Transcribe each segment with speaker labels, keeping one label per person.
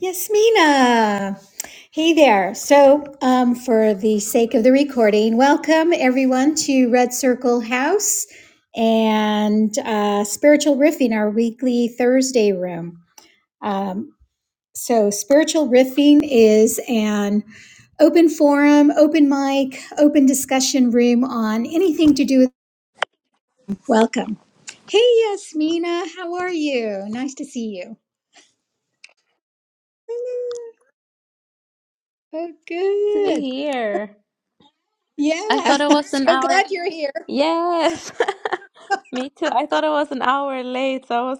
Speaker 1: Yasmina. Hey there. So, um, for the sake of the recording, welcome everyone to Red Circle House and uh, Spiritual Riffing, our weekly Thursday room. Um, so, Spiritual Riffing is an open forum, open mic, open discussion room on anything to do with welcome. Hey, Yasmina, how are you? Nice to see you. Oh,
Speaker 2: to be
Speaker 1: good.
Speaker 2: here. I
Speaker 1: Yeah,
Speaker 2: thought it
Speaker 1: I'm
Speaker 2: was an
Speaker 1: so
Speaker 2: hour.
Speaker 1: glad you're here.
Speaker 2: Yes. Me too. I thought it was an hour late, so I was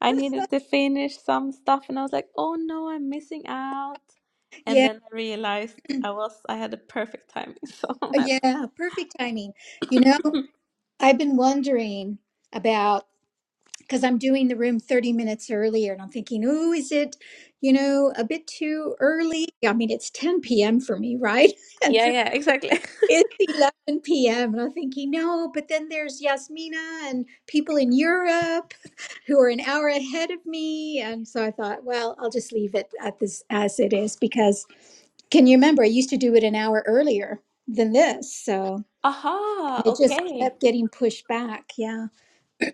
Speaker 2: I needed to finish some stuff and I was like, "Oh no, I'm missing out." And
Speaker 1: Yeah,
Speaker 2: then I realized I was I had the perfect timing. So I'm happy.
Speaker 1: yeah, perfect timing. You know, I've been wondering about because I'm doing the room 30 minutes earlier and I'm thinking, oh, is it, you know, a bit too early? I mean, it's 10 p.m. for me, right? And
Speaker 2: Yeah, yeah, exactly.
Speaker 1: It's 11 p.m. and I'm thinking, no, but then there's Yasmina and people in Europe who are an hour ahead of me. And so I thought, well, I'll just leave it at this as it is because can you remember I used to do it an hour earlier than this? So
Speaker 2: Aha,
Speaker 1: and it just
Speaker 2: okay.
Speaker 1: kept getting pushed back. Yeah.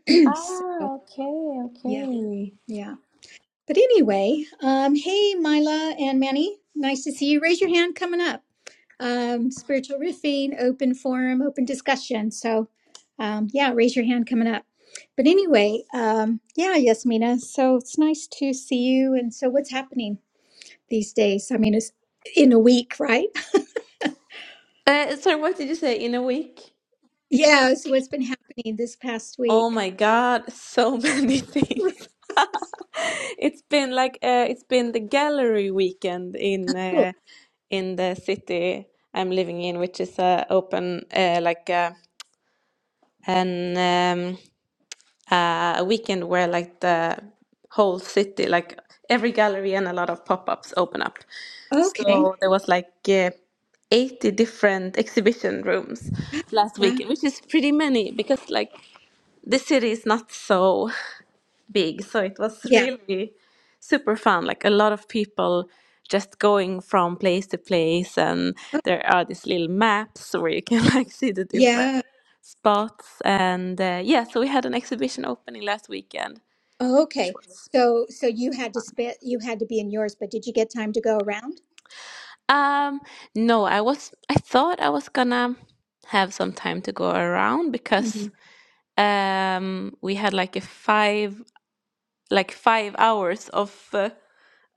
Speaker 1: So,
Speaker 2: Ah, okay,
Speaker 1: yeah.
Speaker 2: okay.
Speaker 1: Yeah. But anyway, um, hey, Mila and Manny, nice to see you. Raise your hand coming up. Um, spiritual riffing, open forum, open discussion. So, um, yeah, raise your hand coming up. But anyway, um, yeah, Yasmina. So it's nice to see you. And so, what's happening these days? I mean, it's in a week, right?
Speaker 2: Uh, sorry, what did you say? In a week?
Speaker 1: Yeah. So, what's been happening this past
Speaker 2: Oh
Speaker 1: week?
Speaker 2: my God, so many things. It's been like uh, it's been the gallery weekend in
Speaker 1: Cool.
Speaker 2: uh, in the city I'm living in, which is uh, open uh, like uh, an um, uh, a weekend where like the whole city, like every gallery and a lot of pop-ups open up.
Speaker 1: Okay.
Speaker 2: So there was like uh, 80 different exhibition rooms last
Speaker 1: Wow.
Speaker 2: weekend, which is pretty many because like the city is not so big. So it was
Speaker 1: Yeah.
Speaker 2: really super fun. Like a lot of people just going from place to place, and
Speaker 1: Oh,
Speaker 2: there are these little maps where you can like see the different
Speaker 1: Yeah.
Speaker 2: spots. And uh, yeah, so we had an exhibition opening last weekend,
Speaker 1: Oh,
Speaker 2: which
Speaker 1: okay.
Speaker 2: was
Speaker 1: So so you had to spit you had to be in yours, but did you get time to go around?
Speaker 2: um no, I was I thought I was gonna have some time to go around
Speaker 1: hmm
Speaker 2: because um we had like a five like five hours of uh,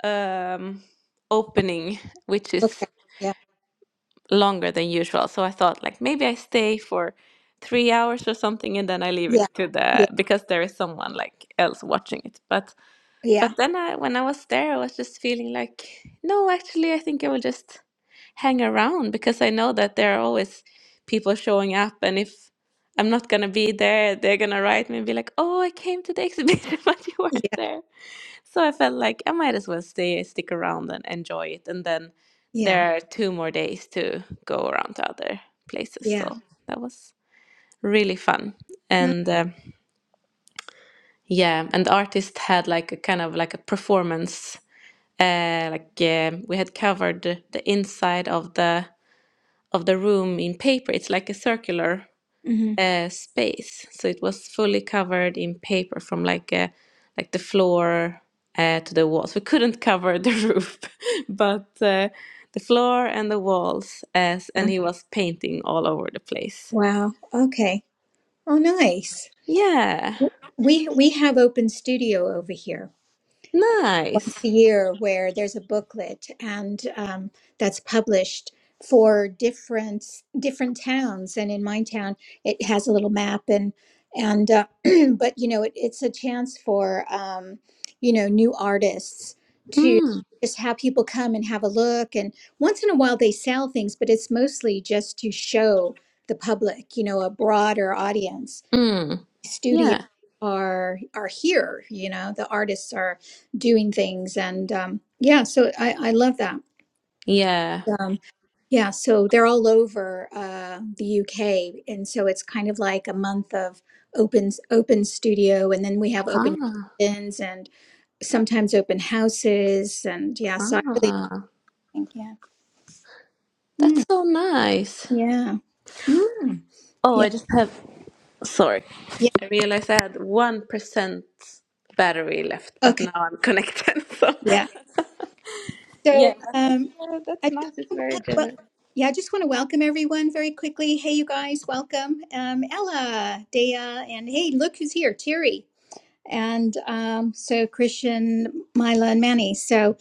Speaker 2: um opening which is
Speaker 1: Okay. Yeah.
Speaker 2: longer than usual. So I thought like maybe I stay for three hours or something and then I leave
Speaker 1: Yeah.
Speaker 2: it to the
Speaker 1: Yeah.
Speaker 2: because there is someone like else watching it. But
Speaker 1: Yeah.
Speaker 2: but then I when I was there I was just feeling like no actually I think I will just hang around because I know that there are always people showing up and if I'm not gonna be there they're gonna write me and be like oh I came to the exhibition but you
Speaker 1: Yeah.
Speaker 2: weren't there. So I felt like I might as well stay, stick around and enjoy it. And then
Speaker 1: Yeah.
Speaker 2: there are two more days to go around to other places.
Speaker 1: Yeah.
Speaker 2: So that was really fun.
Speaker 1: No.
Speaker 2: And uh, yeah, and the artist had like a kind of like a performance. Uh, like uh, we had covered the inside of the of the room in paper. It's like a circular.
Speaker 1: hmm
Speaker 2: uh, space. So it was fully covered in paper from like uh, like the floor uh, to the walls. We couldn't cover the roof, but uh, the floor and the walls. As and he was painting all over the place.
Speaker 1: Wow. Okay. Oh, nice.
Speaker 2: Yeah,
Speaker 1: We we have open studio over here.
Speaker 2: nice.
Speaker 1: a year where there's a booklet and um, that's published for different different towns and in my town it has a little map and and uh, but you know it, it's a chance for um, you know new artists to
Speaker 2: Mm,
Speaker 1: just have people come and have a look and once in a while they sell things but it's mostly just to show the public you know a broader audience
Speaker 2: mm,
Speaker 1: studio
Speaker 2: yeah,
Speaker 1: are are here you know the artists are doing things and um yeah so i i love that
Speaker 2: yeah.
Speaker 1: um yeah so they're all over uh the uk and so it's kind of like a month of open open studio and then we have open
Speaker 2: Ah,
Speaker 1: gardens and sometimes open houses and yeah so i really
Speaker 2: ah,
Speaker 1: think yeah Mm,
Speaker 2: that's so nice.
Speaker 1: yeah Mm,
Speaker 2: Oh,
Speaker 1: yeah
Speaker 2: I just have. Sorry,
Speaker 1: yeah
Speaker 2: I realized I had one percent battery left, but
Speaker 1: okay
Speaker 2: now I'm connected. So.
Speaker 1: yeah.
Speaker 2: Yeah,
Speaker 1: So,
Speaker 2: but that's
Speaker 1: um,
Speaker 2: uh, that's
Speaker 1: I
Speaker 2: nice. It's
Speaker 1: just,
Speaker 2: very
Speaker 1: well,
Speaker 2: generous.
Speaker 1: yeah, I just want to welcome everyone very quickly. Hey, you guys, welcome. Um, Ella, Dea, and hey, look who's here, Terry. And um, so, Christian, Mila, and Manny. So,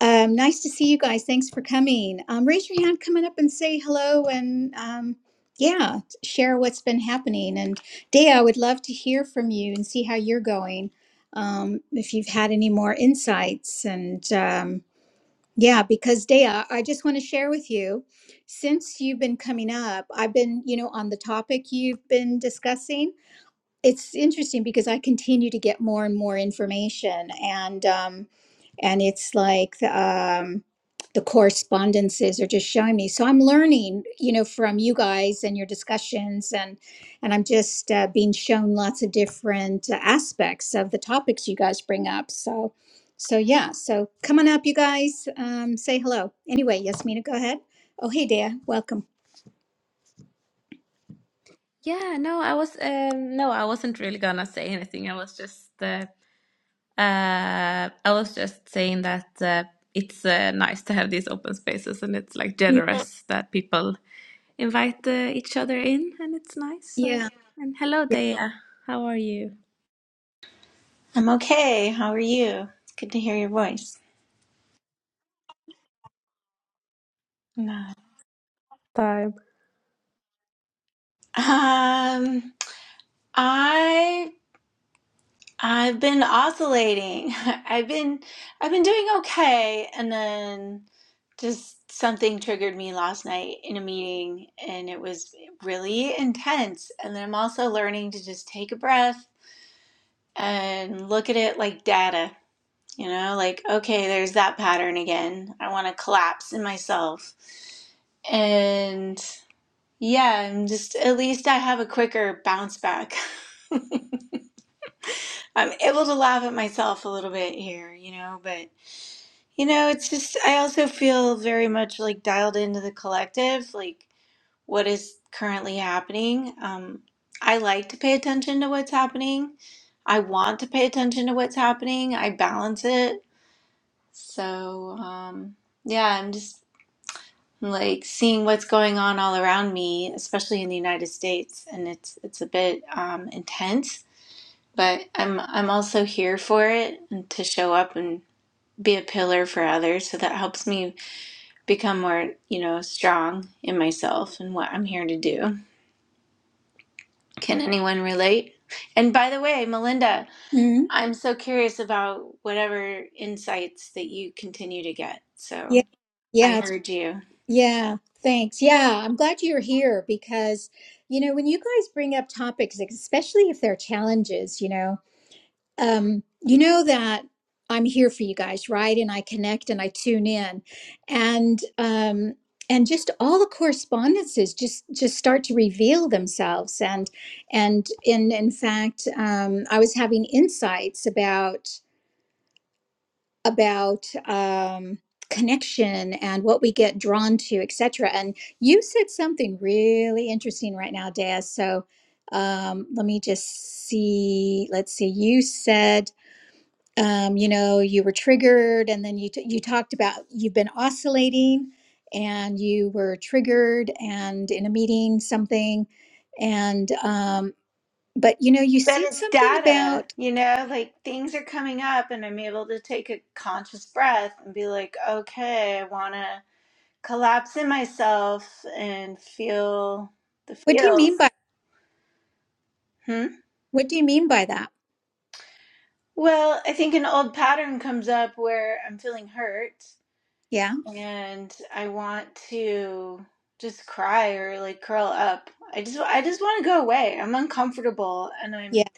Speaker 1: um, nice to see you guys. Thanks for coming. Um, raise your hand, coming up and say hello, and um, yeah, share what's been happening. And Dea, I would love to hear from you and see how you're going. Um, if you've had any more insights and, Um, yeah, because Dea, I just want to share with you, since you've been coming up, I've been, you know, on the topic you've been discussing it's interesting because I continue to get more and more information, and um, and it's like the, um, the correspondences are just showing me. So I'm learning, you know, from you guys and your discussions, and and I'm just uh, being shown lots of different uh, aspects of the topics you guys bring up. So, so yeah, so come on up, you guys, um, say hello. Anyway, Yasmina, go ahead. Oh, hey, Dea, welcome.
Speaker 2: Yeah, no, I was um no, I wasn't really gonna say anything. I was just uh, uh I was just saying that uh, it's uh, nice to have these open spaces and it's like
Speaker 1: Yeah.
Speaker 2: generous that people invite uh, each other in and it's nice. So
Speaker 1: Yeah.
Speaker 2: and hello, Dea. How are you?
Speaker 3: I'm okay. How are you? It's good to hear your voice. No.
Speaker 2: time.
Speaker 3: Um, I I've been oscillating. I've been I've been doing okay, and then just something triggered me last night in a meeting, and it was really intense. And then I'm also learning to just take a breath and look at it like data. You know, like okay, there's that pattern again. I want to collapse in myself, and Yeah, I'm just at least I have a quicker bounce back. I'm able to laugh at myself a little bit here, you know, but you know, it's just I also feel very much like dialed into the collective, like what is currently happening. Um, I like to pay attention to what's happening. I want to pay attention to what's happening. I balance it. So, um, yeah, I'm just like seeing what's going on all around me, especially in the United States, and it's it's a bit um, intense. But I'm I'm also here for it and to show up and be a pillar for others. So that helps me become more you know strong in myself and what I'm here to do. Can anyone relate? And by the way, Melinda,
Speaker 1: Mhm.
Speaker 3: I'm so curious about whatever insights that you continue to get. So
Speaker 1: Yeah.
Speaker 3: I
Speaker 1: Yeah,
Speaker 3: heard you.
Speaker 1: Yeah, thanks. Yeah, I'm glad you're here because, you know, when you guys bring up topics, like, especially if they're challenges, you know, um, you know that I'm here for you guys, right? And I connect and I tune in. And um and just all the correspondences just just start to reveal themselves and and in in fact um, i was having insights about about um, connection and what we get drawn to, etc. And you said something really interesting right now, Daz. So um, let me just see. Let's see. You said, um, you know, you were triggered, and then you t- you talked about you've been oscillating, and you were triggered, and in a meeting something, and um, but you know, you
Speaker 3: That
Speaker 1: said
Speaker 3: is
Speaker 1: something
Speaker 3: data,
Speaker 1: about
Speaker 3: you know, like things are coming up, and I'm able to take a conscious breath and be like, okay, I want to collapse in myself and feel the
Speaker 1: what do you
Speaker 3: feels.
Speaker 1: mean by
Speaker 3: Hmm?
Speaker 1: what do you mean by that?
Speaker 3: Well, I think an old pattern comes up where I'm feeling hurt
Speaker 1: Yeah,
Speaker 3: and I want to just cry or like curl up. I just I just want to go away. I'm uncomfortable and
Speaker 1: yeah,
Speaker 3: I'm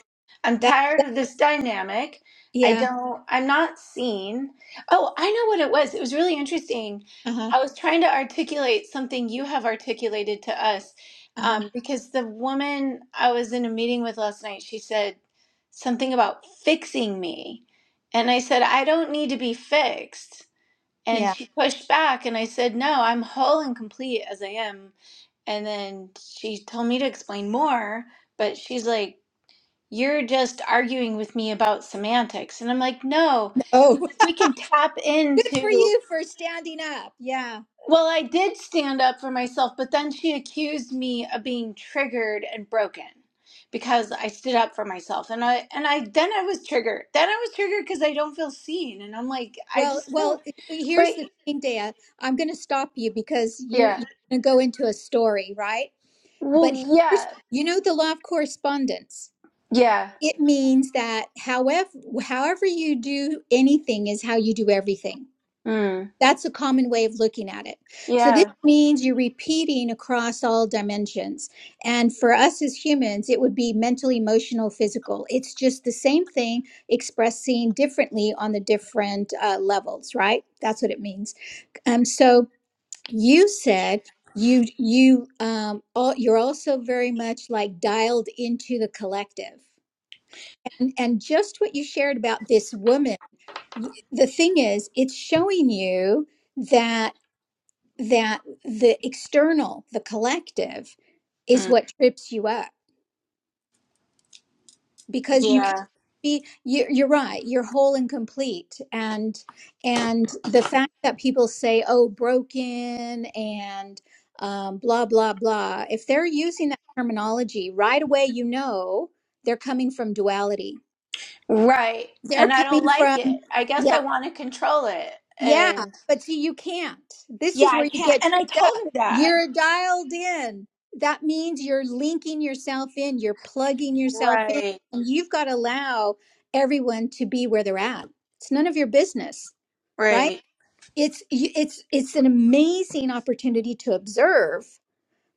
Speaker 3: I'm
Speaker 1: that.
Speaker 3: tired of this dynamic. I
Speaker 1: Yeah.
Speaker 3: don't I'm not seen. Oh, I know what it was. It was really interesting.
Speaker 1: Uh huh.
Speaker 3: I was trying to articulate something you have articulated to us
Speaker 1: Uh huh.
Speaker 3: um, because the woman I was in a meeting with last night, she said something about fixing me. And I said, I don't need to be fixed. And
Speaker 1: Yeah.
Speaker 3: she pushed back, and I said, No, I'm whole and complete as I am. And then she told me to explain more, but she's like, You're just arguing with me about semantics. And I'm like, No,
Speaker 1: Oh,
Speaker 3: because if we can tap
Speaker 1: good for
Speaker 3: into,
Speaker 1: you for standing up. Yeah.
Speaker 3: well, I did stand up for myself, but then she accused me of being triggered and broken because I stood up for myself. And I, and I, then I was triggered. Then I was triggered because I don't feel seen. And I'm like, I
Speaker 1: Well,
Speaker 3: just feel,
Speaker 1: well. Here's
Speaker 3: but
Speaker 1: the thing, Dad. I'm going to stop you because you're
Speaker 3: yeah.
Speaker 1: you're going to go into a story, right?
Speaker 3: Well,
Speaker 1: But here's
Speaker 3: yeah.
Speaker 1: you know the law of correspondence.
Speaker 3: Yeah.
Speaker 1: It means that however however you do anything is how you do everything.
Speaker 3: Mm.
Speaker 1: That's a common way of looking at it. So this
Speaker 3: Yeah.
Speaker 1: means you're repeating across all dimensions. And for us as humans, it would be mental, emotional, physical. It's just the same thing expressing differently on the different uh, levels, right? That's what it means. Um, so you said you you um all, you're also very much like dialed into the collective. And, and just what you shared about this woman, y- the thing is, it's showing you that that the external, the collective, is
Speaker 3: Mm,
Speaker 1: what trips you up because you can't
Speaker 3: yeah.
Speaker 1: be. You're, you're right. You're whole and complete, and and the fact that people say, "Oh, broken," and um, blah blah blah. If they're using that terminology right away, you know they're coming from duality.
Speaker 3: Right.
Speaker 1: They're
Speaker 3: And I don't
Speaker 1: coming
Speaker 3: like
Speaker 1: from
Speaker 3: it. I
Speaker 1: yes,
Speaker 3: guess I want to control it.
Speaker 1: Yeah,
Speaker 3: And
Speaker 1: but see, you can't. This
Speaker 3: yeah,
Speaker 1: is
Speaker 3: I
Speaker 1: where you
Speaker 3: can't.
Speaker 1: get
Speaker 3: And I
Speaker 1: tripped
Speaker 3: told
Speaker 1: up.
Speaker 3: her that.
Speaker 1: You're dialed in. That means you're linking yourself in, you're plugging yourself in,
Speaker 3: Right.
Speaker 1: and you've got to allow everyone to be where they're at. It's none of your business, right?
Speaker 3: Right.
Speaker 1: It's you- it's it's an amazing opportunity to observe,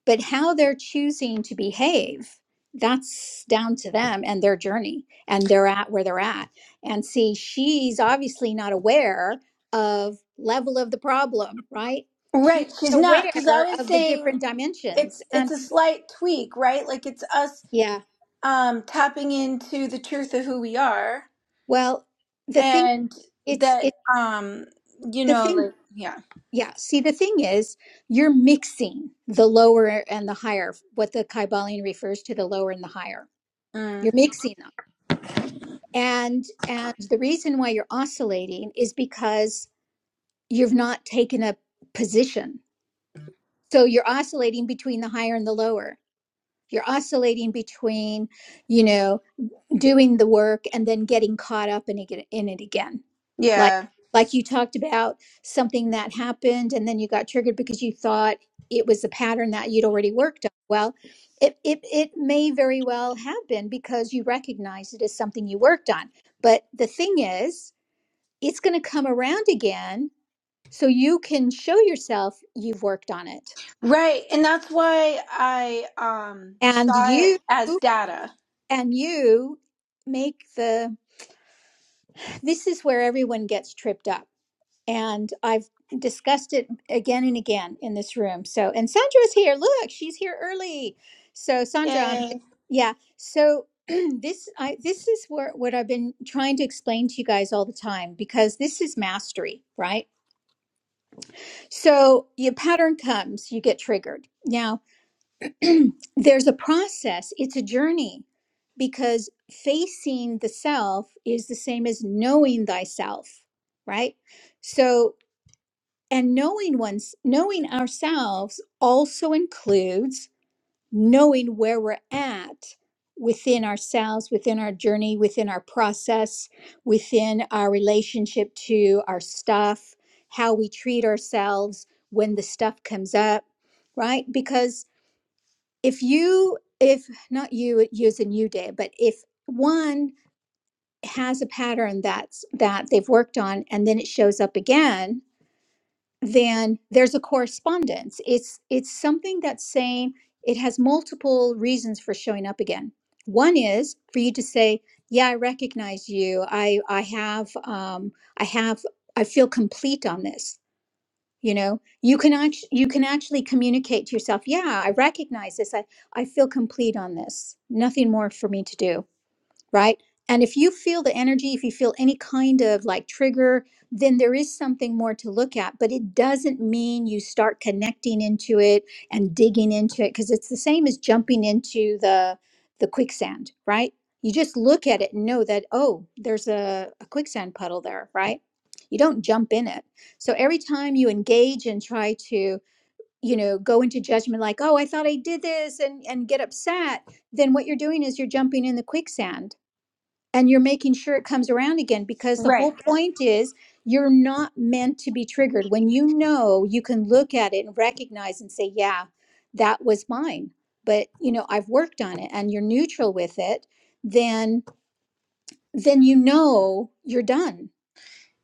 Speaker 1: but how they're choosing to behave that's down to them and their journey and they're at where they're at and see she's obviously not aware of level of the problem right she's
Speaker 3: Right, she's
Speaker 1: not
Speaker 3: not because I
Speaker 1: aware
Speaker 3: was
Speaker 1: of the
Speaker 3: saying
Speaker 1: different dimensions
Speaker 3: it's
Speaker 1: and
Speaker 3: it's a slight tweak, right? Like it's us
Speaker 1: yeah
Speaker 3: um tapping into the truth of who we are
Speaker 1: well the thing
Speaker 3: and
Speaker 1: it's
Speaker 3: that
Speaker 1: it's
Speaker 3: um you
Speaker 1: the
Speaker 3: know
Speaker 1: thing
Speaker 3: like yeah.
Speaker 1: yeah see the thing is you're mixing the lower and the higher what the kybalion refers to the lower and the higher
Speaker 3: Mm.
Speaker 1: you're mixing them and and the reason why you're oscillating is because you've not taken a position so you're oscillating between the higher and the lower you're oscillating between you know doing the work and then getting caught up in it, in it again like
Speaker 3: Yeah.
Speaker 1: like you talked about something that happened and then you got triggered because you thought it was a pattern that you'd already worked on well it, it, it may very well have been because you recognize it as something you worked on but the thing is it's going to come around again so you can show yourself you've worked on it
Speaker 3: Right, and that's why I um
Speaker 1: and
Speaker 3: saw it
Speaker 1: you
Speaker 3: as data.
Speaker 1: and you make the this is where everyone gets tripped up and i've discussed it again and again in this room so and sandra's here look she's here early so sandra I'm,
Speaker 3: Yay.
Speaker 1: yeah so this i this is where what i've been trying to explain to you guys all the time because this is mastery right so your pattern comes, you get triggered. Now, there's a process, it's a journey because facing the self is the same as knowing thyself, right? So, and knowing one's knowing ourselves also includes knowing where we're at within ourselves, within our journey, within our process, within our relationship to our stuff, how we treat ourselves when the stuff comes up, right? Because if you if not you using you did but if one has a pattern that's that they've worked on and then it shows up again then there's a correspondence it's it's something that's saying it has multiple reasons for showing up again one is for you to say yeah i recognize you i i have um i have i feel complete on this you know you can act you can actually communicate to yourself yeah i recognize this i i feel complete on this nothing more for me to do right? And if you feel the energy, if you feel any kind of like trigger, then there is something more to look at. But it doesn't mean you start connecting into it and digging into it because it's the same as jumping into the the quicksand, right? You just look at it and know that oh, there's a, a quicksand puddle there, right? You don't jump in it. So every time you engage and try to, you know, go into judgment like, oh, I thought I did this and and get upset, then what you're doing is you're jumping in the quicksand and you're making sure it comes around again because the
Speaker 3: Right.
Speaker 1: whole point is you're not meant to be triggered when you know you can look at it and recognize and say yeah that was mine but you know i've worked on it and you're neutral with it then then you know you're done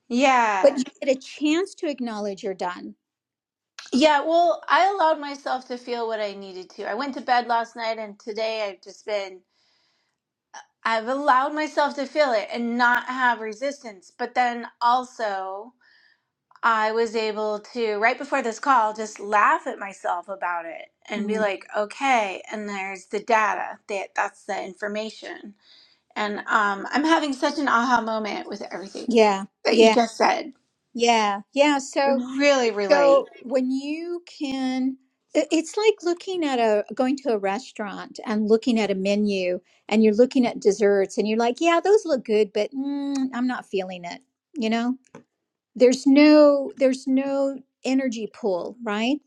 Speaker 3: Yeah.
Speaker 1: but you get a chance to acknowledge you're done.
Speaker 3: Yeah, well, I allowed myself to feel what I needed to. I went to bed last night and today I've just been I've allowed myself to feel it and not have resistance. But then also I was able to right before this call just laugh at myself about it and be
Speaker 1: Mm.
Speaker 3: like, "Okay, and there's the data. That that's the information." And um, I'm having such an aha moment with everything
Speaker 1: Yeah,
Speaker 3: that you
Speaker 1: yeah,
Speaker 3: just said.
Speaker 1: yeah, yeah.
Speaker 3: I
Speaker 1: So,
Speaker 3: really relate.
Speaker 1: So when you can, i- it's like looking at a going to a restaurant and looking at a menu and you're looking at desserts and you're like, yeah, those look good, but mm, I'm not feeling it. You know, there's no there's no energy pull, right?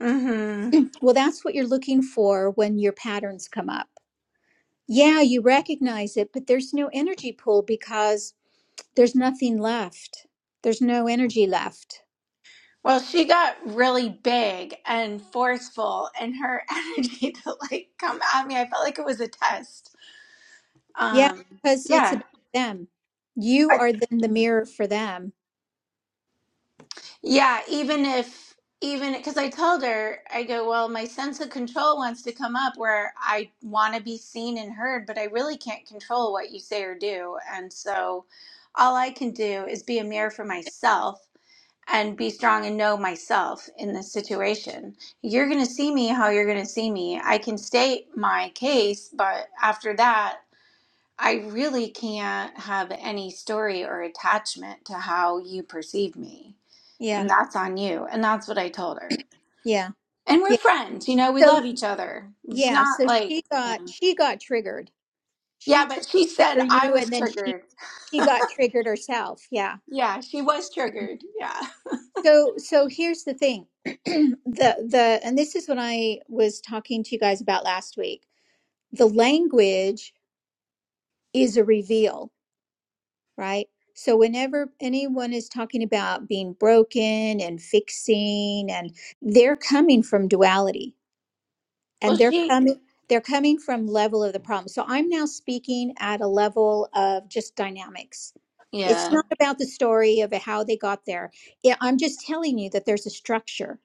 Speaker 3: hmm
Speaker 1: Well, that's what you're looking for when your patterns come up. Yeah, you recognize it, but there's no energy pull because there's nothing left. There's no energy left.
Speaker 3: Well, she got really big and forceful, and her energy to like come at me, I felt like it was a test.
Speaker 1: Yeah,
Speaker 3: Um,
Speaker 1: because it's
Speaker 3: yeah,
Speaker 1: about them. You are then the mirror for them.
Speaker 3: Yeah, even if even because I told her, I go, well, my sense of control wants to come up where I want to be seen and heard, but I really can't control what you say or do. And so all I can do is be a mirror for myself and be strong and know myself in this situation. You're going to see me how you're going to see me. I can state my case, but after that, I really can't have any story or attachment to how you perceive me
Speaker 1: Yeah,
Speaker 3: and that's on you. And that's what I told her.
Speaker 1: yeah,
Speaker 3: And we're
Speaker 1: yeah.
Speaker 3: friends, you know, we
Speaker 1: So
Speaker 3: love each other. It's
Speaker 1: yeah,
Speaker 3: not
Speaker 1: so
Speaker 3: like,
Speaker 1: she got she got triggered.
Speaker 3: yeah,
Speaker 1: She tried
Speaker 3: but she
Speaker 1: to
Speaker 3: said
Speaker 1: trigger
Speaker 3: I
Speaker 1: you, and
Speaker 3: was
Speaker 1: then she
Speaker 3: triggered.
Speaker 1: she got triggered herself. Yeah.
Speaker 3: Yeah, she was triggered. Yeah.
Speaker 1: So so here's the thing, the the and this is what I was talking to you guys about last week. The language is a reveal. right? So, whenever anyone is talking about being broken and fixing, and they're coming from duality
Speaker 3: Well,
Speaker 1: and they're
Speaker 3: she,
Speaker 1: coming. They're coming from level of the problem. So I'm now speaking at a level of just dynamics. It's
Speaker 3: yeah.
Speaker 1: not about the story of how they got there. Yeah, I'm just telling you that there's a structure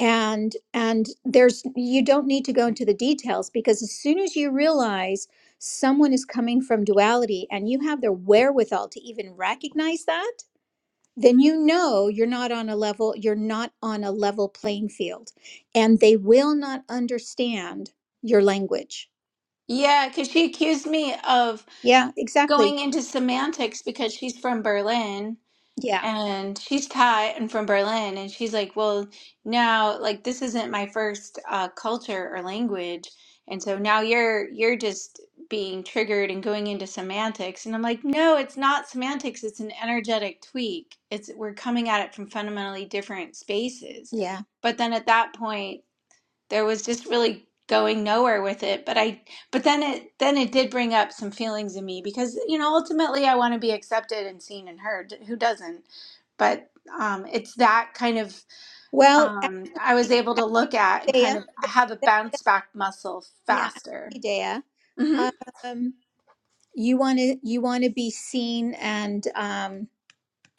Speaker 1: and and there's you don't need to go into the details because as soon as you realize someone is coming from duality and you have the wherewithal to even recognize that then you know you're not on a level you're not on a level playing field and they will not understand your language
Speaker 3: Yeah, because she accused me of
Speaker 1: yeah exactly
Speaker 3: going into semantics because she's from Berlin
Speaker 1: yeah
Speaker 3: and she's Thai and from Berlin, and she's like, well, now like this isn't my first uh, culture or language, and so now you're you're just being triggered and going into semantics, and I'm like, no, it's not semantics, it's an energetic tweak. It's we're coming at it from fundamentally different spaces.
Speaker 1: yeah
Speaker 3: But then at that point, there was just really going nowhere with it but i but then it then it did bring up some feelings in me because you know ultimately i want to be accepted and seen and heard who doesn't but um it's that kind of
Speaker 1: well
Speaker 3: um i was able to look at and
Speaker 1: Dea,
Speaker 3: kind of i have a bounce back muscle
Speaker 1: yeah,
Speaker 3: faster
Speaker 1: Dea.
Speaker 3: mhm
Speaker 1: Um, you want to you want to be seen and um,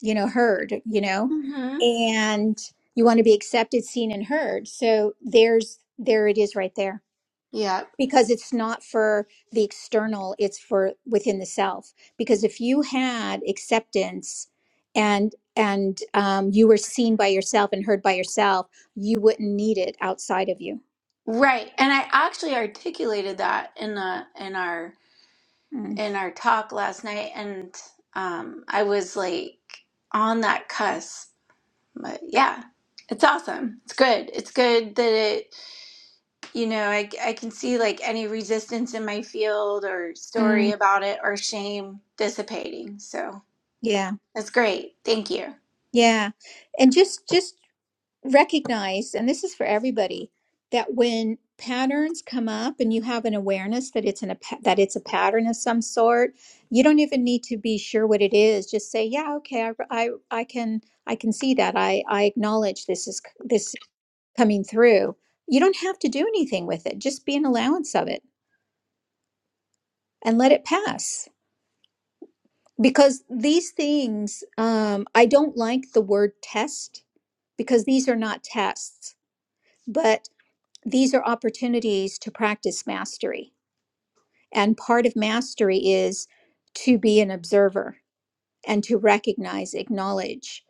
Speaker 1: you know, heard, you know,
Speaker 3: mhm
Speaker 1: and you want to be accepted, seen, and heard. So there's there it is right there
Speaker 3: yeah
Speaker 1: because it's not for the external, it's for within the self. Because if you had acceptance and and um, you were seen by yourself and heard by yourself, you wouldn't need it outside of you.
Speaker 3: right and i actually articulated that in the in our
Speaker 1: Mm.
Speaker 3: in our talk last night and um i was like on that cusp but yeah it's awesome it's good it's good that it you know I, I can see like any resistance in my field or story
Speaker 1: Mm.
Speaker 3: about it or shame dissipating so
Speaker 1: Yeah,
Speaker 3: that's great thank you
Speaker 1: yeah, and just just recognize, and this is for everybody, that when patterns come up and you have an awareness that it's an a pa- that it's a pattern of some sort, you don't even need to be sure what it is. Just say, "Yeah, okay, I I, I can I can see that. I I acknowledge this is c- this coming through." You don't have to do anything with it. Just be an allowance of it and let it pass. Because these things, um, I don't like the word test because these are not tests. but. these are opportunities to practice mastery. And part of mastery is to be an observer and to recognize, acknowledge.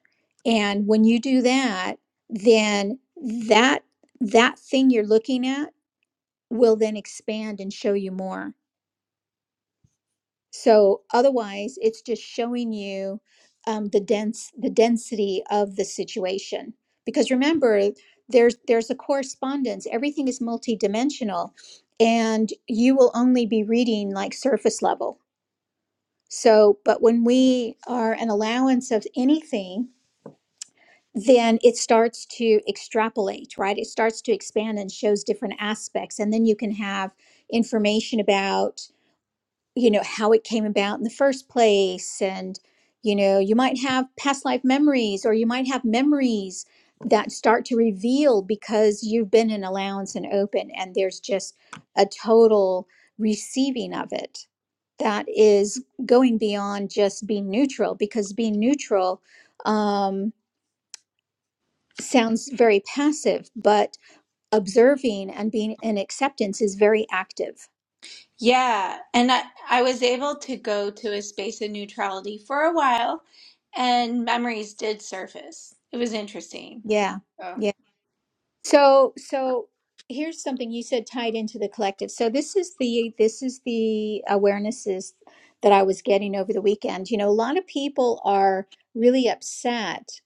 Speaker 1: And when you do that, then that that thing you're looking at will then expand and show you more. So otherwise, it's just showing you um, the dense the density of the situation. Because remember, there's there's a correspondence. Everything is multidimensional, and you will only be reading like surface level. So, but when we are an allowance of anything, then it starts to extrapolate, right? It starts to expand and shows different aspects, and then you can have information about you know how it came about in the first place and you know you might have past life memories or you might have memories that start to reveal because you've been in allowance and open and there's just a total receiving of it that is going beyond just being neutral because being neutral um, sounds very passive but observing and being in acceptance is very active
Speaker 3: yeah and i, I was able to go to a space of neutrality for a while and memories did surface it was interesting
Speaker 1: yeah Yeah.
Speaker 3: so
Speaker 1: So, so here's something you said tied into the collective. So this is the this is the awarenesses that I was getting over the weekend. You know, a lot of people are really upset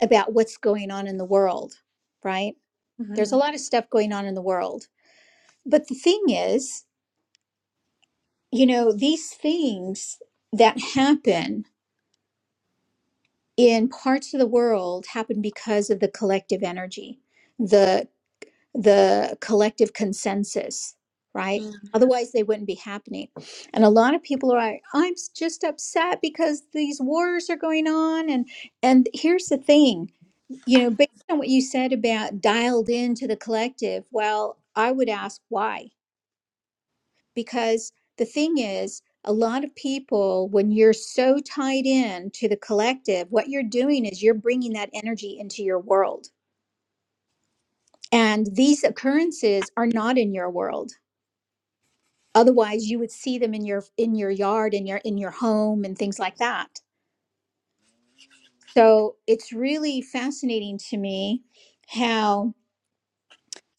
Speaker 1: about what's going on in the world, right? There's
Speaker 3: mhm.
Speaker 1: a lot of stuff going on in the world. But the thing is, you know, these things that happen in parts of the world happen because of the collective energy. The the collective consensus, right? Otherwise, they wouldn't be happening. And a lot of people are like, I'm just upset because these wars are going on. And and here's the thing, you know, based on what you said about dialed into the collective, well, I would ask why. Because the thing is, a lot of people, when you're so tied in to the collective, what you're doing is you're bringing that energy into your world. And these occurrences are not in your world otherwise you would see them in your in your yard in your in your home and things like that so it's really fascinating to me how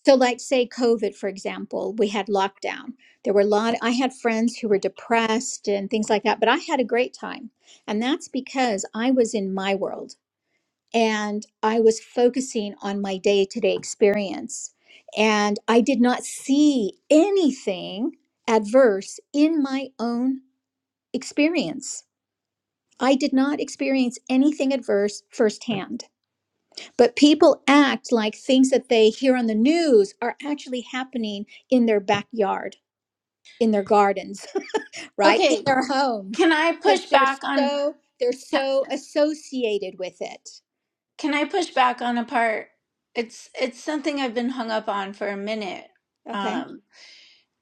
Speaker 1: so like say covid for example we had lockdown there were a lot i had friends who were depressed and things like that but i had a great time and that's because i was in my world and i was focusing on my day-to-day experience and i did not see anything adverse in my own experience. I did not experience anything adverse firsthand, but people act like things that they hear on the news are actually happening in their backyard, in their gardens, right? In
Speaker 3: okay
Speaker 1: their homes
Speaker 3: can i
Speaker 1: because
Speaker 3: push
Speaker 1: they're
Speaker 3: back on
Speaker 1: so they're so associated with it.
Speaker 3: Can I push back on a part? It's it's something I've been hung up on for a minute.
Speaker 1: Okay.
Speaker 3: Um,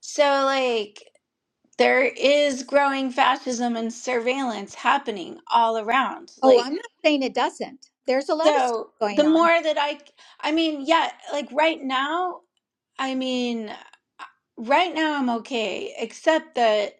Speaker 3: so like there is growing fascism and surveillance happening all around.
Speaker 1: Oh,
Speaker 3: Like
Speaker 1: I'm not saying it doesn't. There's a lot of stuff
Speaker 3: so the
Speaker 1: going on.
Speaker 3: more that I I mean, yeah, like right now I mean, right now I'm okay, except that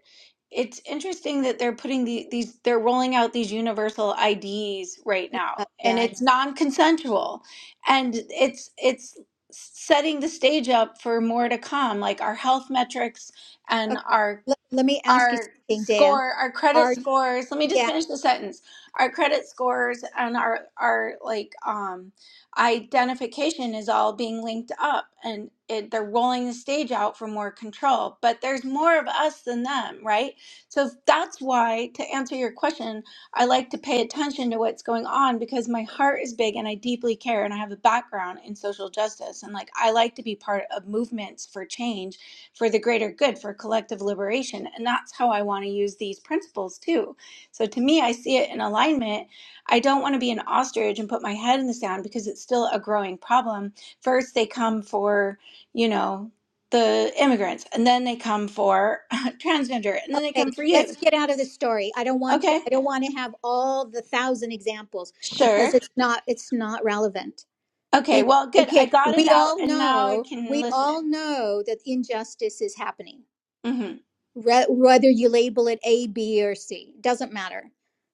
Speaker 3: it's interesting that they're putting the, these, they're rolling out these universal IDs right
Speaker 1: Yeah,
Speaker 3: now,
Speaker 1: yeah.
Speaker 3: and
Speaker 1: I
Speaker 3: it's Mhm. non-consensual, and it's it's setting the stage up for more to come, like our health metrics
Speaker 1: know.
Speaker 3: and
Speaker 1: Okay.
Speaker 3: our
Speaker 1: Let, let me ask you
Speaker 3: our
Speaker 1: something, Dea.
Speaker 3: score, our credit
Speaker 1: Are
Speaker 3: scores. Let me just
Speaker 1: yeah,
Speaker 3: finish the sentence. Our credit scores and our our like um identification is all being linked up, and it, they're rolling the stage out for more control. But there's more of us than them, right? So that's why, to answer your question, I like to pay attention to what's going on because my heart is big and I deeply care, and I have a background in social justice, and like I like to be part of movements for change for the greater good, for collective liberation. And that's how I want to use these principles too. So to me, I see it in alignment. I don't want to be an ostrich and put my head in the sand because it's still a growing problem. First, they come for, you know, the immigrants, and then they come for transgender, and then they
Speaker 1: Okay,
Speaker 3: come for you.
Speaker 1: let's get out of the story. I don't want to
Speaker 3: Okay,
Speaker 1: I don't want to have all the thousand examples
Speaker 3: sure.
Speaker 1: because it's not it's not relevant.
Speaker 3: Okay,
Speaker 1: It
Speaker 3: well, good. I
Speaker 1: okay,
Speaker 3: got it
Speaker 1: we
Speaker 3: out,
Speaker 1: all
Speaker 3: and now I
Speaker 1: know,
Speaker 3: can
Speaker 1: we all
Speaker 3: listen.
Speaker 1: know that injustice is happening.
Speaker 3: Mm-hmm.
Speaker 1: Re- whether you label it A, B or C, doesn't matter.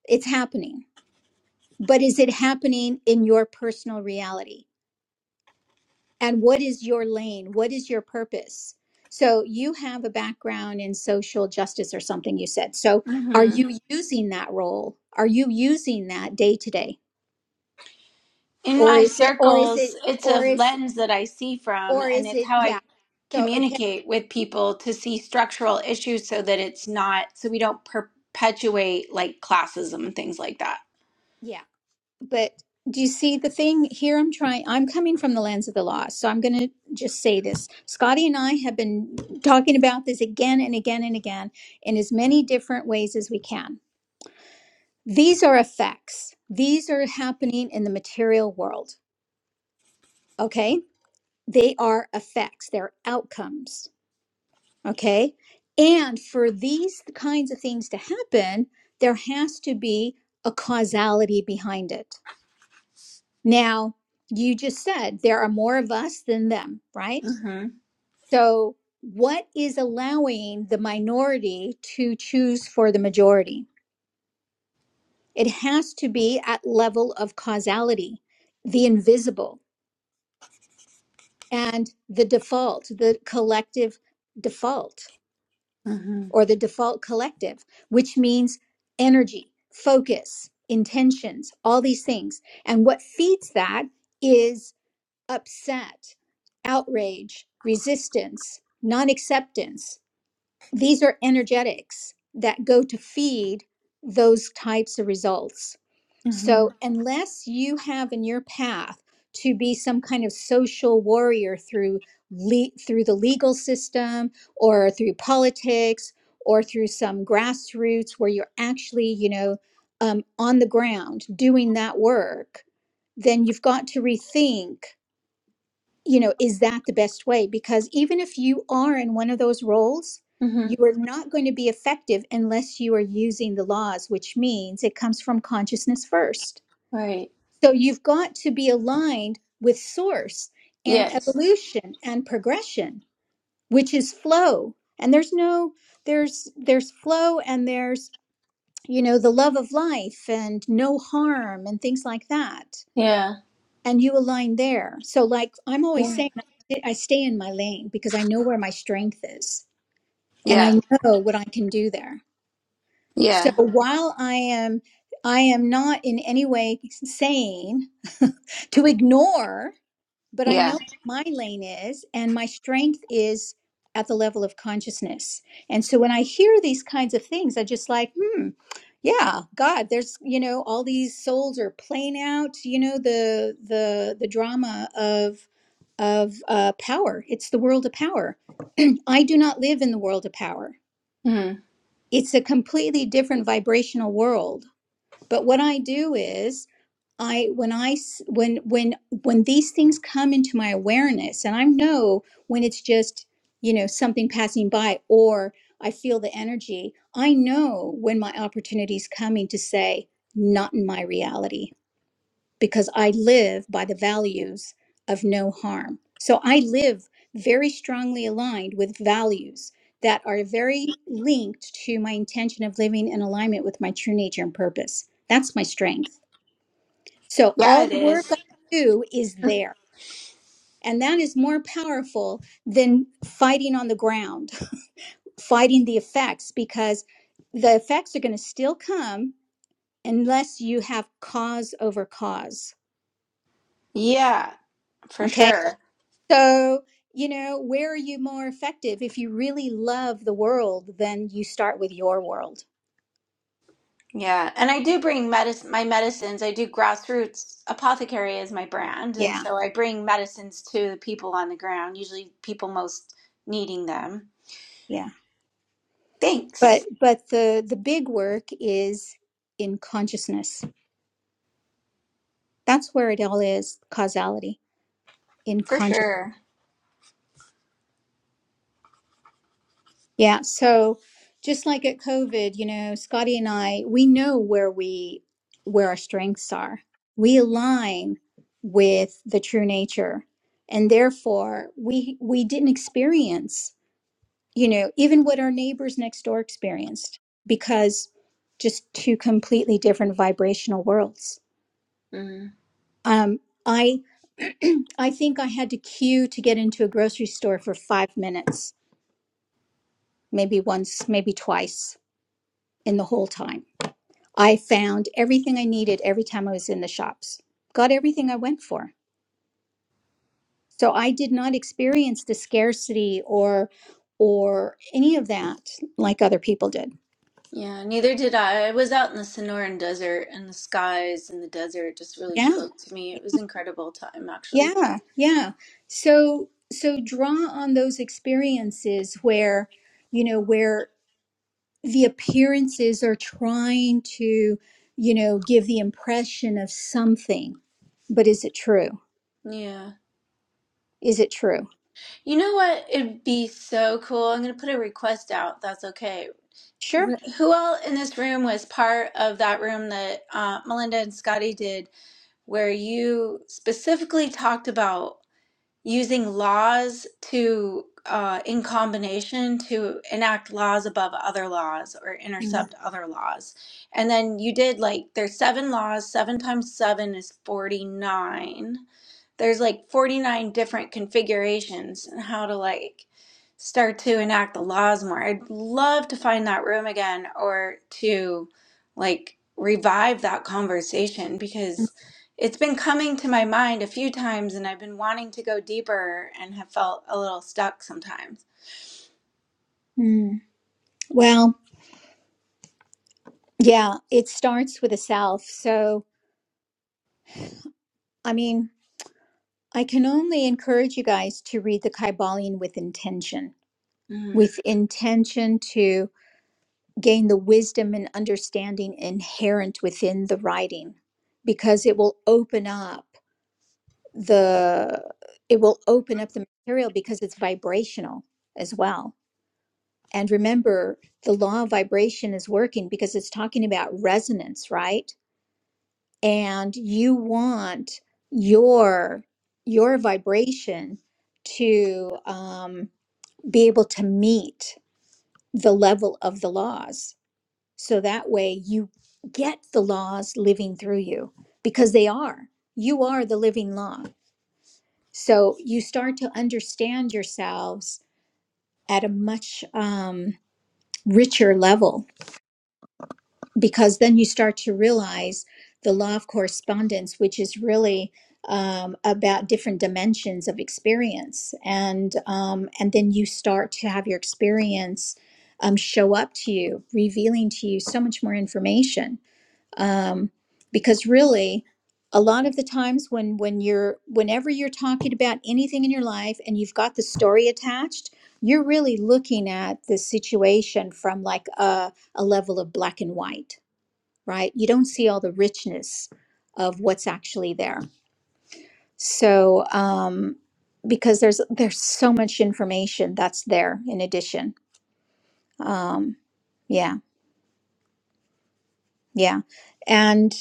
Speaker 1: It's happening. But is it happening in your personal reality? and what is your lane what is your purpose so you have a background in social justice or something you said so are
Speaker 3: mm-hmm.
Speaker 1: you using that role are you using that day to day
Speaker 3: in
Speaker 1: or
Speaker 3: my
Speaker 1: is it or is
Speaker 3: circles,
Speaker 1: it
Speaker 3: it's a
Speaker 1: or is
Speaker 3: lens that I see from,
Speaker 1: or
Speaker 3: and
Speaker 1: is
Speaker 3: it's
Speaker 1: it
Speaker 3: how I
Speaker 1: yeah so okay
Speaker 3: communicate with people to see structural issues so that it's not, so we don't perpetuate like classism and things like that.
Speaker 1: yeah but do you see the thing here i'm trying i'm coming from the lens of the law so i'm going to just say this scotty and i have been talking about this again and again and again in as many different ways as we can These are effects. These are happening in the material world. Okay. They are effects, they're outcomes. Okay. And for these kinds of things to happen, there has to be a causality behind it. Now, you just said there are more of us than them, right?
Speaker 3: Mm hmm.
Speaker 1: So, what is allowing the minority to choose for the majority? It has to be at level of causality, the invisible and the default, the collective default,
Speaker 3: Mm hmm.
Speaker 1: or the default collective, which means energy, focus, intentions, all these things. And what feeds that is upset, outrage, resistance, non acceptance. These are energetics that go to feed those types of results.
Speaker 3: Mm hmm.
Speaker 1: So, unless you have in your path to be some kind of social warrior through le- through the legal system or through politics or through some grassroots where you're actually, you know, um, on the ground doing that work, then you've got to rethink, you know, is that the best way? Because even if you are in one of those roles,
Speaker 3: Mm-hmm.
Speaker 1: you are not going to be effective unless you are using the laws, which means it comes from consciousness first.
Speaker 3: Right.
Speaker 1: So you've got to be aligned with source and
Speaker 3: Yes.
Speaker 1: evolution and progression, which is flow. And there's no there's there's flow and there's you know the love of life and no harm and things like that.
Speaker 3: Yeah.
Speaker 1: And you align there. So like I'm always
Speaker 3: Yeah.
Speaker 1: saying, I I stay in my lane because I know where my strength is and I
Speaker 3: Yeah.
Speaker 1: know what I can do there. So
Speaker 3: Yeah.
Speaker 1: while I am I am not in any way saying to ignore but I
Speaker 3: Yeah.
Speaker 1: know what my lane is, and my strength is at the level of consciousness. And so when I hear these kinds of things, I just like, hmm, yeah, God, there's you know all these souls are playing out, you know the the the drama of of uh, power. It's the world of power. I do not live in the world of power.
Speaker 3: Mm-hmm.
Speaker 1: It's a completely different vibrational world. But what I do is I when I s- when when when these things come into my awareness and I know when it's just you know something passing by or I feel the energy I know when my opportunity is coming to say not in my reality because I live by the values of no harm so I live very strongly aligned with values that are very linked to my intention of living in alignment with my true nature and purpose that's my strength so
Speaker 3: Yeah,
Speaker 1: all
Speaker 3: it
Speaker 1: the work
Speaker 3: is.
Speaker 1: I do is there. And that is more powerful than fighting on the ground, fighting the effects, because the effects are going to still come unless you have cause over cause.
Speaker 3: Yeah, for
Speaker 1: Okay.
Speaker 3: sure.
Speaker 1: So, you know, where are you more effective? If you really love the world, then you start with your world.
Speaker 3: Yeah, and I do bring medicine, my medicines. I do grassroots apothecary is my brand, and
Speaker 1: Yeah.
Speaker 3: so I bring medicines to the people on the ground, usually people most needing them.
Speaker 1: Yeah. But,
Speaker 3: Thanks
Speaker 1: but the, the big work is in consciousness. That's where it all is causality in
Speaker 3: for
Speaker 1: consciousness.
Speaker 3: sure.
Speaker 1: Yeah. So just like at COVID, you know, Scotty and I, we know where we where our strengths are. We align with the true nature. And therefore we we didn't experience, you know, even what our neighbors next door experienced because just two completely different vibrational worlds.
Speaker 3: Mm,
Speaker 1: Um I I think I had to queue to get into a grocery store for five minutes, maybe once, maybe twice in the whole time I found everything I needed every time I was in the shops, got everything I went for. So I did not experience the scarcity or or any of that like other people did.
Speaker 3: yeah, neither did I. I was out in the Sonoran Desert, and the skies in the desert just really
Speaker 1: Yeah.
Speaker 3: spoke to me. It was incredible time, actually.
Speaker 1: Yeah. Yeah. So so draw on those experiences where you know where the appearances are trying to you know give the impression of something. But is it true?
Speaker 3: Yeah.
Speaker 1: Is it true?
Speaker 3: You know what? It'd be so cool. I'm gonna put a request out. That's okay,
Speaker 1: Sure.
Speaker 3: Who all in this room was part of that room that uh, Melinda and Scotty did, where you specifically talked about using laws to, uh, in combination, to enact laws above other laws or
Speaker 1: Mm.
Speaker 3: intercept other laws? And then you did like, there's seven laws, seven times seven is 49 there's like 49 different configurations and how to like start to enact the laws more. I'd love to find that room again or to like revive that conversation because it's been coming to my mind a few times and I've been wanting to go deeper and have felt a little stuck sometimes.
Speaker 1: Mm. Well, Yeah, it starts with the self. So, I mean, I can only encourage you guys to read the Kybalion with intention,
Speaker 3: Mm,
Speaker 1: with intention to gain the wisdom and understanding inherent within the writing, because it will open up the it will open up the material because it's vibrational as well. And remember, the law of vibration is working because it's talking about resonance, right? and you want your your vibration to um, be able to meet the level of the laws so that way you get the laws living through you because they are you are the living law so you start to understand yourselves at a much um, richer level because then you start to realize the law of correspondence, which is really um, about different dimensions of experience, and um, and then you start to have your experience um, show up to you, revealing to you so much more information. Um, because really, a lot of the times when when you're whenever you're talking about anything in your life and you've got the story attached, you're really looking at the situation from like a, a level of black and white right? You don't see all the richness of what's actually there. So, um, because there's there's so much information that's there in addition. Um, yeah, yeah, and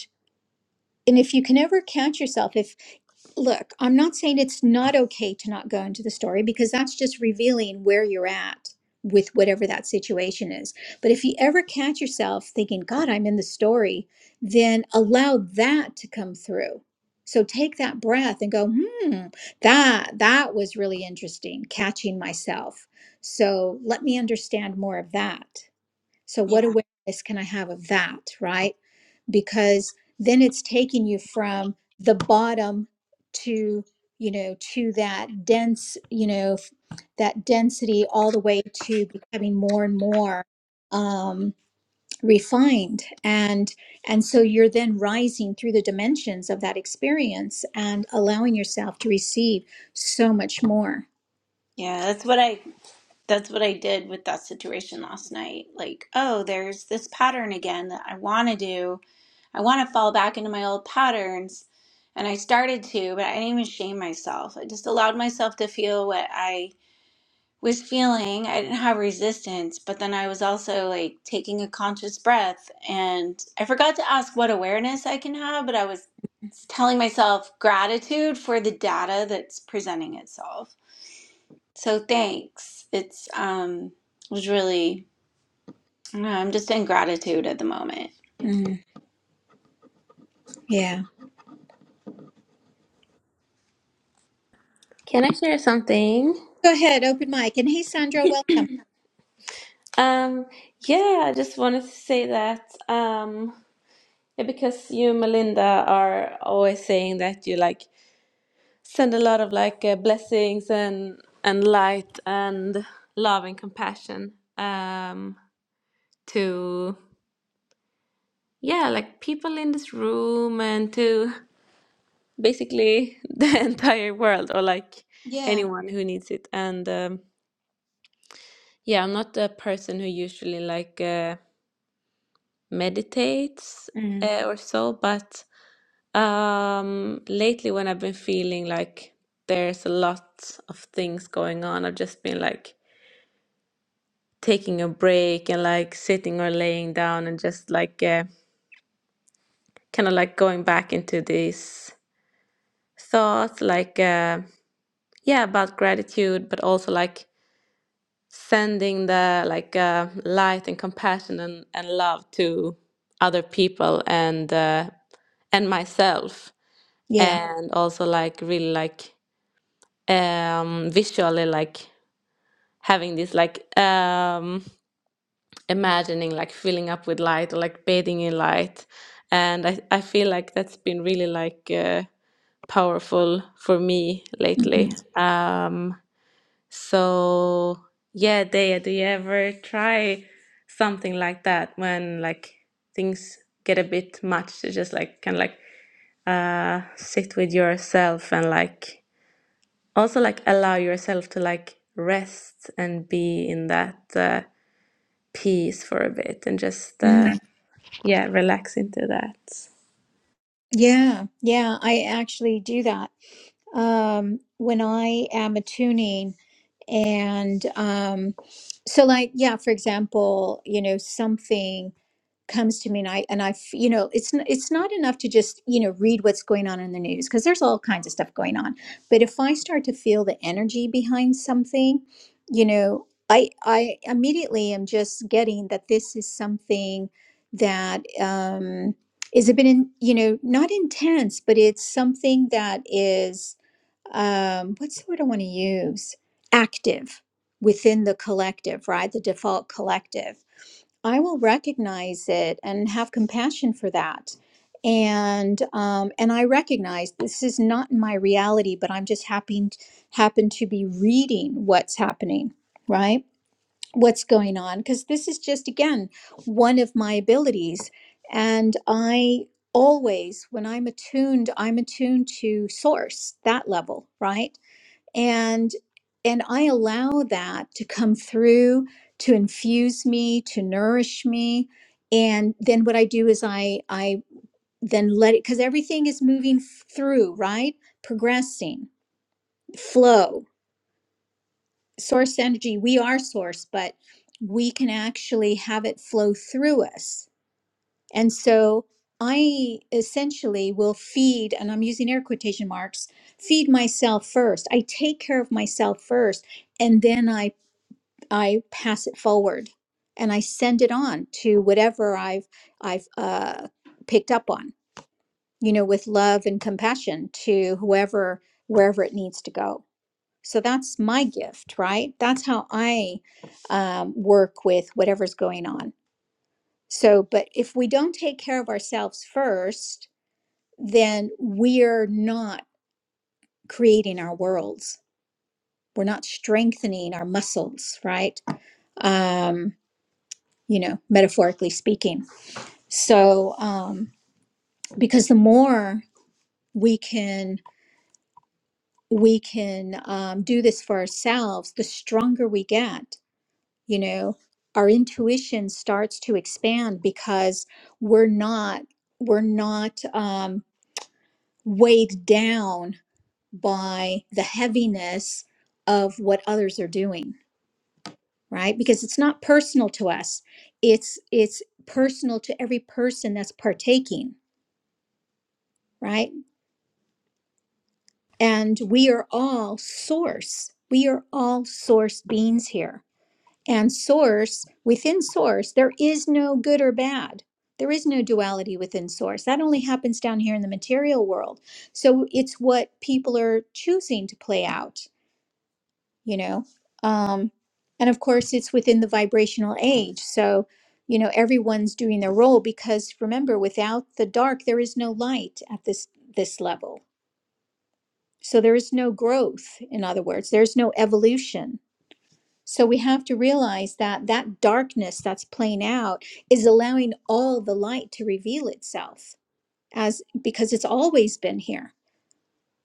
Speaker 1: and if you can ever catch yourself, if. look, I'm not saying it's not okay to not go into the story because that's just revealing where you're at with whatever that situation is. But if you ever catch yourself thinking, God, I'm in the story, then allow that to come through. So take that breath and go, hmm, that that was really interesting, catching myself. So let me understand more of that. So
Speaker 3: yeah.
Speaker 1: what awareness can I have of that, right? because then it's taking you from the bottom to you know to that dense you know f- that density all the way to becoming more and more um refined and and so you're then rising through the dimensions of that experience and allowing yourself to receive so much more
Speaker 3: Yeah, that's what I that's what I did with that situation last night. Like, oh, there's this pattern again that I want to do I want to fall back into my old patterns. And I started to, but I didn't even shame myself. I just allowed myself to feel what I was feeling. I didn't have resistance, but then I was also like taking a conscious breath. And I forgot to ask what awareness I can have, but I was telling myself gratitude for the data that's presenting itself. So thanks. It's, um, it was really, I don't know, I'm just in gratitude at the moment.
Speaker 1: Mm, yeah
Speaker 2: Can I share something?
Speaker 1: go ahead open mic and hey sandra welcome
Speaker 2: Um, yeah, I just wanted to say that um, because you, Melinda, are always saying that you like. send a lot of like uh, blessings and and light and love and compassion um to yeah like people in this room and to basically the entire world or like
Speaker 1: yeah
Speaker 2: anyone who needs it and um yeah i'm not a person who usually like uh, meditates
Speaker 1: Mm,
Speaker 2: uh, or so but um lately when i've been feeling like there's a lot of things going on i've just been like taking a break and like sitting or laying down and just like uh, kind of like going back into these thoughts like uh, yeah about gratitude but also like sending the like uh, light and compassion and, and love to other people and uh, and myself
Speaker 1: yeah
Speaker 2: and also like really like um visually like having this like um imagining like filling up with light or like bathing in light and i, I feel like that's been really like uh, powerful for me lately um so yeah Dea do you ever try something like that when like things get a bit much to just like kind of like uh sit with yourself and like also like allow yourself to like rest and be in that uh, peace for a bit and just
Speaker 1: Mhm.
Speaker 2: uh, yeah, relax into that.
Speaker 1: Yeah, yeah, I actually do that. Um, when I am attuning and um so like yeah, for example, you know, something comes to me and I and I you know it's n- it's not enough to just you know read what's going on in the news because there's all kinds of stuff going on but if I start to feel the energy behind something you know I I immediately am just getting that this is something that um is a bit in you know not intense but it's something that is um what's the word I want to use active within the collective right the default collective I will recognize it and have compassion for that. And um, and I recognize this is not my reality, but I'm just happy happen to be reading what's happening, right? What's going on? Because this is just again one of my abilities, and I always when I'm attuned, I'm attuned to source that level, right? and and i allow that to come through to infuse me to nourish me and then what i do is i i then let it because everything is moving f- through right progressing flow source energy we are source but we can actually have it flow through us and so i essentially will feed and i'm using air quotation marks feed myself first i take care of myself first and then I I pass it forward and I send it on to whatever I've I've uh, picked up on, you know, with love and compassion to whoever wherever it needs to go. So that's my gift, right? That's how I um, work with whatever's going on. So, but if we don't take care of ourselves first, then we're not creating our worlds. We're not strengthening our muscles, right? Um, you know, metaphorically speaking. So, um, because the more we can we can um, do this for ourselves, the stronger we get. You know, our intuition starts to expand because we're not we're not um, weighed down by the heaviness of what others are doing, right? Because it's not personal to us; it's it's personal to every person that's partaking, right? And we are all source. We are all source beings here. And source, within source, there is no good or bad. There is no duality within source. That only happens down here in the material world. So it's what people are choosing to play out, you know? Um, and of course, it's within the vibrational age. So, you know, everyone's doing their role because remember, without the dark, there is no light at this this level so there is no growth, in other words, there's no evolution. So we have to realize that that darkness that's playing out is allowing all the light to reveal itself as because it's always been here,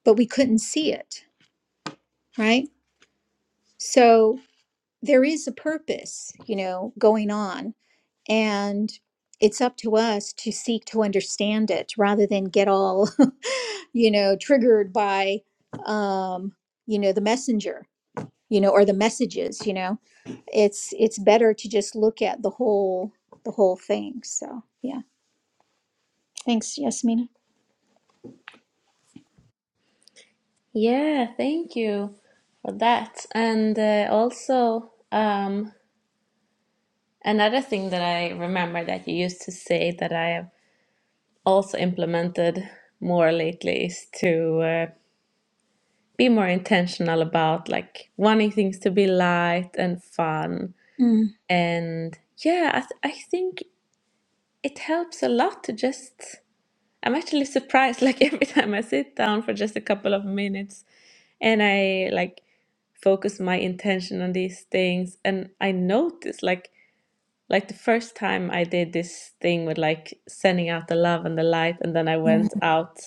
Speaker 1: but we couldn't see it, right? So there is a purpose, you know, going on and it's up to us to seek to understand it rather than get all, you know, triggered by um, you know, the messenger you know, or the messages, you know. It's it's better to just look at the whole the whole thing. So yeah. Thanks, Yasmina.
Speaker 2: Yeah, thank you for that. And uh, also, um, another thing that I remember that you used to say that I have also implemented more lately is to uh, be more intentional about like wanting things to be light and fun.
Speaker 1: Mm.
Speaker 2: And yeah, I, th- I think it helps a lot to just I'm actually surprised like every time I sit down for just a couple of minutes and I like focus my intention on these things and I notice like like the first time I did this thing with like sending out the love and the light, and then I
Speaker 1: Mm.
Speaker 2: went out.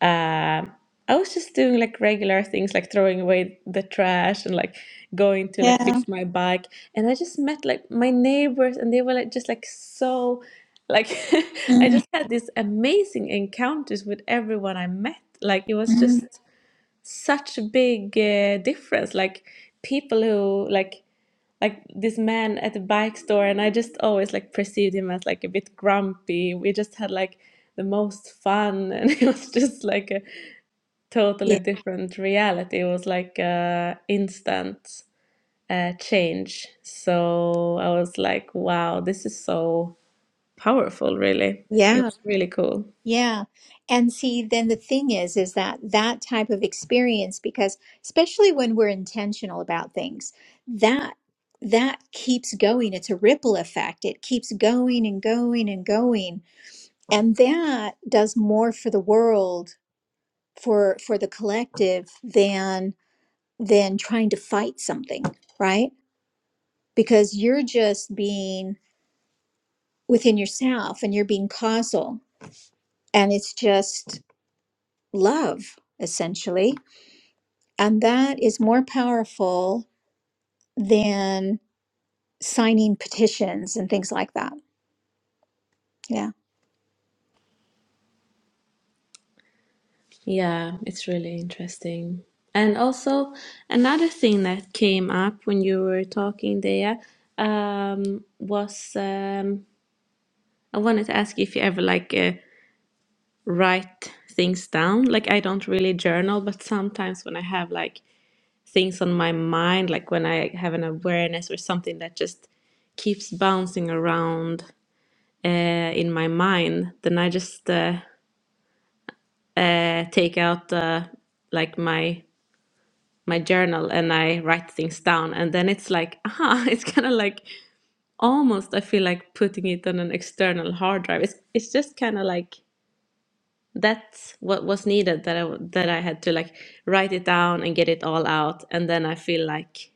Speaker 2: Um, I was just doing like regular things, like throwing away the trash and like going to like
Speaker 1: Yeah.
Speaker 2: fix my bike. And I just met like my neighbors, and they were like just like so, like I
Speaker 1: Mm,
Speaker 2: just had these amazing encounters with everyone I met. Like it was
Speaker 1: mm.
Speaker 2: just such a big uh, difference. Like people who like like this man at the bike store and i just always like perceived him as like a bit grumpy we just had like the most fun and it was just like a totally
Speaker 1: Yeah.
Speaker 2: different reality it was like a instant uh, change so i was like wow this is so powerful really it
Speaker 1: Yeah.
Speaker 2: was really cool
Speaker 1: Yeah. And see, then the thing is, is that that type of experience, because especially when we're intentional about things, that that keeps going. It's a ripple effect. It keeps going and going and going. And that does more for the world for for the collective than than trying to fight something right because you're just being within yourself and you're being causal and it's just love essentially and that is more powerful than signing petitions and things like that yeah
Speaker 2: yeah it's really interesting and also another thing that came up when you were talking there um, was um, I wanted to ask if you ever like uh, write things down. Like I don't really journal, but sometimes when I have like things on my mind, like when I have an awareness or something that just keeps bouncing around uh, in my mind, then I just uh, uh, take out uh, like my my journal and I write things down, and then it's like, aha, it's kind of like almost I feel like putting it on an external hard drive. It's it's just kind of like that's what was needed that I w- that I had to like write it down and get it all out and then I feel like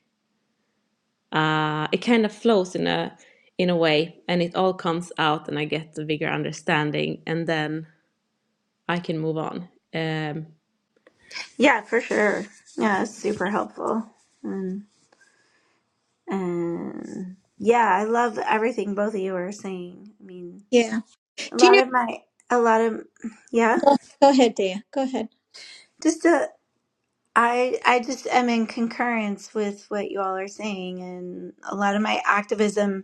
Speaker 2: uh it kind of flows in a in a way and it all comes out and I get a bigger understanding and then I can move on um
Speaker 3: Yeah, for sure. Yeah, it's super helpful. And, and yeah, I love everything both of you are saying. I mean,
Speaker 1: yeah
Speaker 3: a
Speaker 1: do you
Speaker 3: lot
Speaker 1: know
Speaker 3: of my, a lot of, yeah,
Speaker 1: go, go ahead Dea. go ahead
Speaker 3: just uh, I I just am in concurrence with what you all are saying. And a lot of my activism,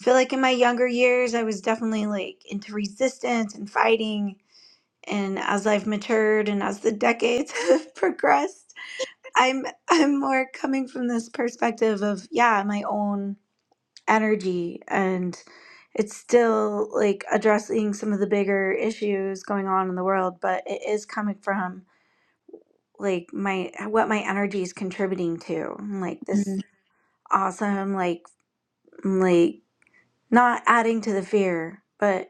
Speaker 3: I feel like in my younger years, I was definitely like into resistance and fighting. And as I've matured and as the decades have progressed, I'm I'm more coming from this perspective of yeah, my own energy and it's still like addressing some of the bigger issues going on in the world, but it is coming from like my what my energy is contributing to. Like this
Speaker 1: Mm,
Speaker 3: awesome like like not adding to the fear, but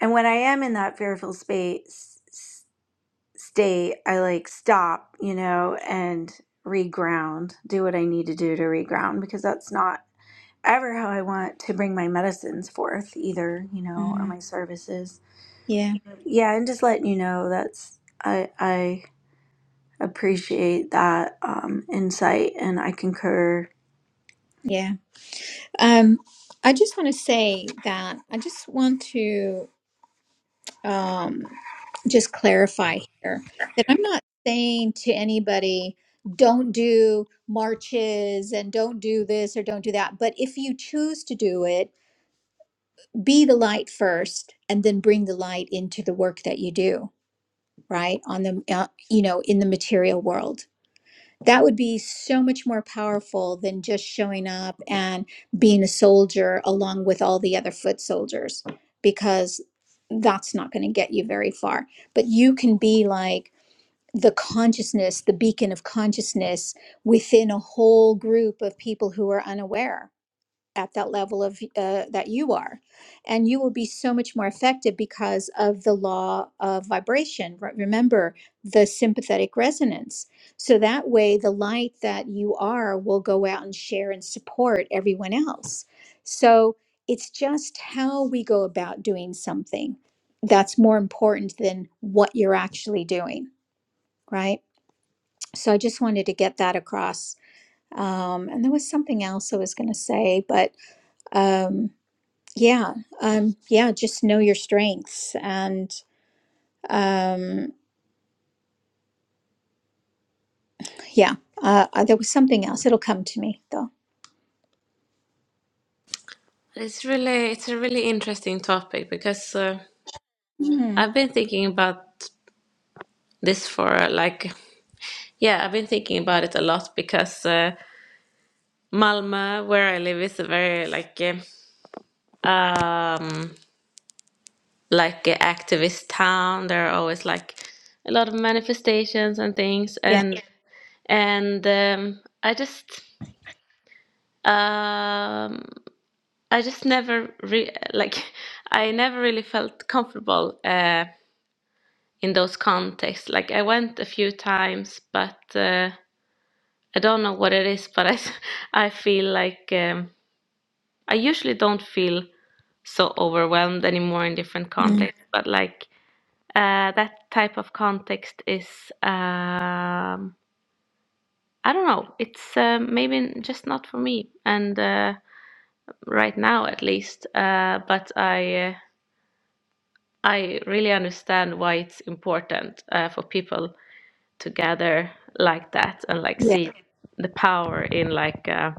Speaker 3: and when I am in that fearful space stay, I like stop, you know, and reground, do what I need to do to reground because that's not ever how I want to bring my medicines forth either, you know, or
Speaker 1: mm,
Speaker 3: my services.
Speaker 1: yeah
Speaker 3: Yeah, and just letting you know that's I I appreciate that um insight and I concur.
Speaker 1: yeah um i just want to say that i just want to um, just clarify here that I'm not saying to anybody, don't do marches and don't do this or don't do that. But if you choose to do it, be the light first and then bring the light into the work that you do, right? On the, uh, you know, in the material world that would be so much more powerful than just showing up and being a soldier along with all the other foot soldiers because that's not going to get you very far but you can be like the consciousness the beacon of consciousness within a whole group of people who are unaware at that level of uh, that you are and you will be so much more effective because of the law of vibration Re- remember the sympathetic resonance so that way the light that you are will go out and share and support everyone else so it's just how we go about doing something that's more important than what you're actually doing right so i just wanted to get that across um, and there was something else i was going to say but um, yeah. Um, yeah. Just know your strengths. And um, yeah, uh, uh, there was something else. It'll come to me though.
Speaker 2: it's really it's a really interesting topic because uh,
Speaker 1: Hmm.
Speaker 2: I've been thinking about this for like yeah I've been thinking about it a lot because uh Malmö where I live is a very like um like a activist town. There are always like a lot of manifestations and things,
Speaker 1: Yeah.
Speaker 2: and Yeah. and um, I just um, I just never re- like I never really felt comfortable uh, in those contexts. Like I went a few times, but uh, I don't know what it is. But I s- I feel like um, I usually don't feel so overwhelmed anymore in different
Speaker 1: Mm.
Speaker 2: contexts, but like. uh, that type of context is um, I don't know. It's uh, maybe just not for me, and uh, right now at least. Uh, but I uh, I really understand why it's important uh, for people to gather like that and like
Speaker 1: Yeah.
Speaker 2: see the power in like uh,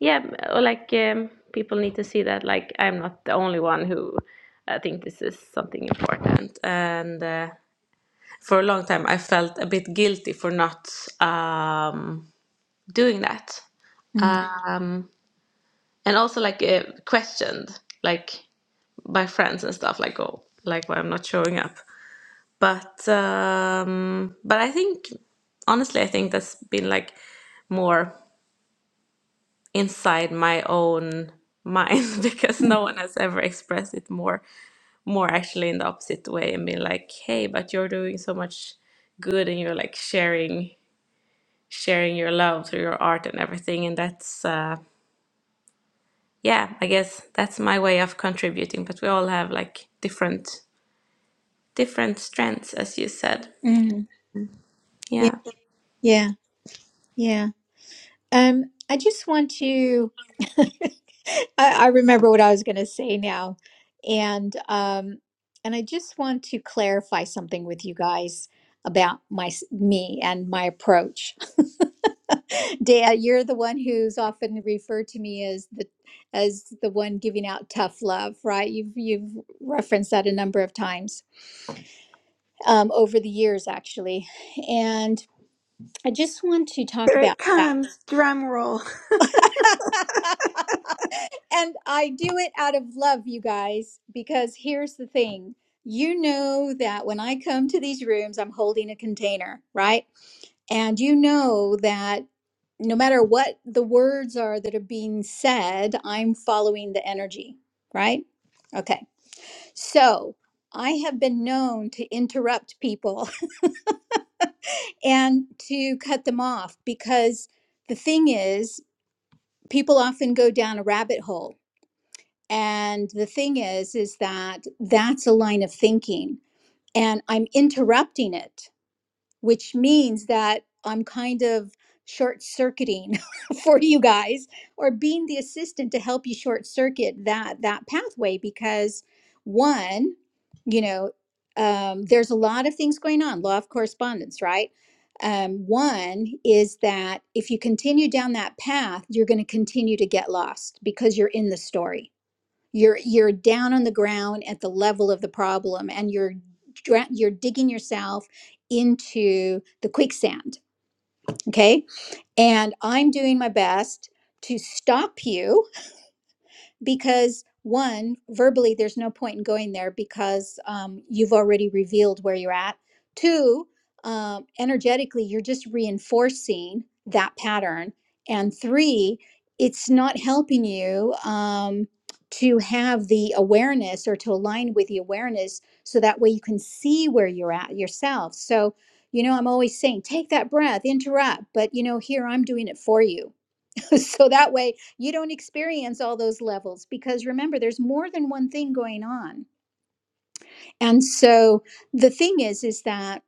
Speaker 2: yeah or like um, people need to see that like I'm not the only one who uh, think this is something important and. Uh, for a long time I felt a bit guilty for not um, doing that,
Speaker 1: Mm.
Speaker 2: uh, and also like uh, questioned like by friends and stuff like oh like why I'm not showing up. But um, but I think honestly I think that's been like more inside my own mind because
Speaker 1: Mm.
Speaker 2: no one has ever expressed it more more actually in the opposite way and been like hey but you're doing so much good and you're like sharing sharing your love through your art and everything. And that's, uh, yeah, I guess that's my way of contributing. But we all have like different different strengths, as you said.
Speaker 1: mm, Yeah.
Speaker 2: Yeah.
Speaker 1: Yeah. Yeah. Um, I just want to. I, I remember what I was going to say now, and um, and I just want to clarify something with you guys about my me and my approach. Dea, you're the one who's often referred to me as the as the one giving out tough love, right? You've you've referenced that a number of times um, over the years, actually, and I just want to talk about that. And I do it out of love, you guys, because here's the thing. You know that when I come to these rooms, I'm holding a container, right? And you know that no matter what the words are that are being said, I'm following the energy, right? Okay. So I have been known to interrupt people and to cut them off because the thing is, people often go down a rabbit hole And the thing is, is that that's a line of thinking and I'm interrupting it, which means that I'm kind of short circuiting for you guys or being the assistant to help you short circuit that that pathway because one you know um, there's a lot of things going on law of correspondence right um, one is that if you continue down that path you're going to continue to get lost because you're in the story you're you're down on the ground at the level of the problem and you're dra- you're digging yourself into the quicksand okay and i'm doing my best to stop you because one verbally there's no point in going there because um, you've already revealed where you're at two um, energetically you're just reinforcing that pattern and three it's not helping you um, to have the awareness or to align with the awareness so that way you can see where you're at yourself so you know i'm always saying take that breath interrupt but you know here i'm doing it for you so that way you don't experience all those levels because remember there's more than one thing going on and so the thing is is that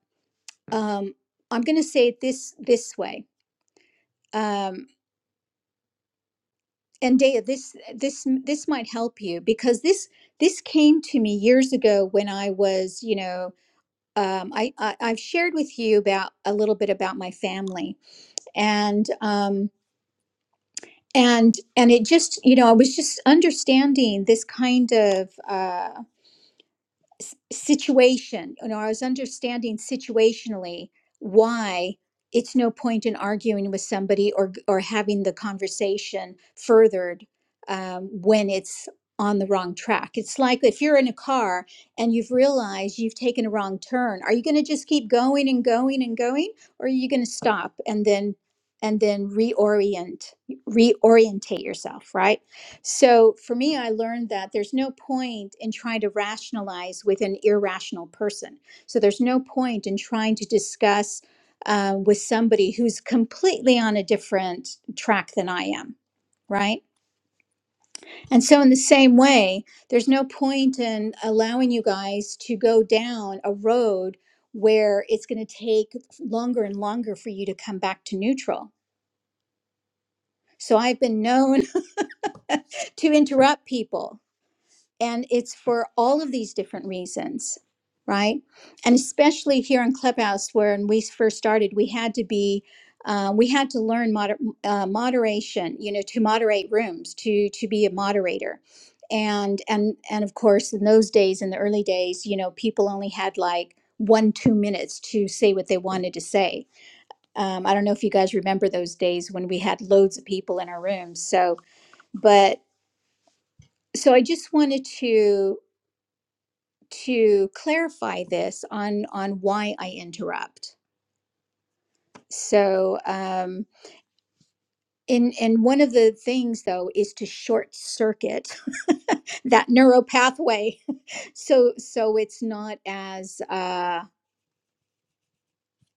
Speaker 1: um, i'm going to say it this this way um, and dea this this this might help you because this this came to me years ago when i was you know um, I, I i've shared with you about a little bit about my family and um, and and it just you know i was just understanding this kind of uh, s- situation you know i was understanding situationally why it's no point in arguing with somebody or g- or having the conversation furthered um, when it's on the wrong track it's like if you're in a car and you've realized you've taken a wrong turn are you going to just keep going and going and going or are you going to stop and then and then reorient reorientate yourself right so for me, I learned that there's no point in trying to rationalize with an irrational person. So there's no point in trying to discuss uh, with somebody who's completely on a different track than I am. Right. And so, in the same way, there's no point in allowing you guys to go down a road where it's going to take longer and longer for you to come back to neutral. So, I've been known to interrupt people and it's for all of these different reasons right and especially here in clubhouse where when we first started we had to be uh, we had to learn moder- uh, moderation you know to moderate rooms to to be a moderator and and and of course in those days in the early days you know people only had like one two minutes to say what they wanted to say um, i don't know if you guys remember those days when we had loads of people in our rooms so but so i just wanted to to clarify this on on why I interrupt. So, um, and and one of the things though is to short circuit that neural pathway, so so it's not as uh,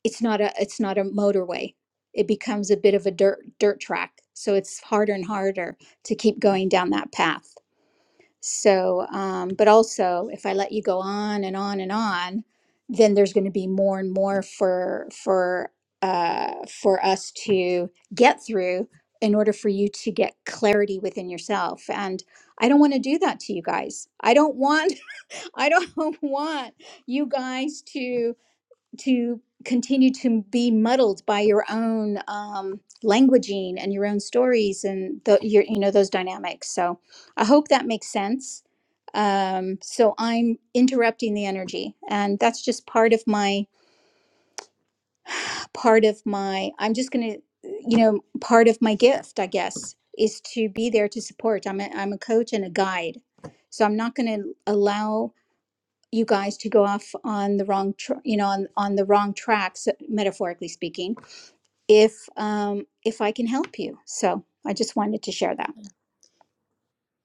Speaker 1: it's not a it's not a motorway. It becomes a bit of a dirt dirt track. So it's harder and harder to keep going down that path. So, um, but also, if I let you go on and on and on, then there's going to be more and more for for uh, for us to get through in order for you to get clarity within yourself. And I don't want to do that to you guys. I don't want I don't want you guys to to continue to be muddled by your own um, languaging and your own stories and the, your, you know those dynamics. So I hope that makes sense. Um, so I'm interrupting the energy, and that's just part of my part of my. I'm just gonna, you know, part of my gift, I guess, is to be there to support. I'm a, I'm a coach and a guide, so I'm not gonna allow you guys to go off on the wrong, tr- you know, on on the wrong tracks, metaphorically speaking if um, if I can help you. So I just wanted to share that.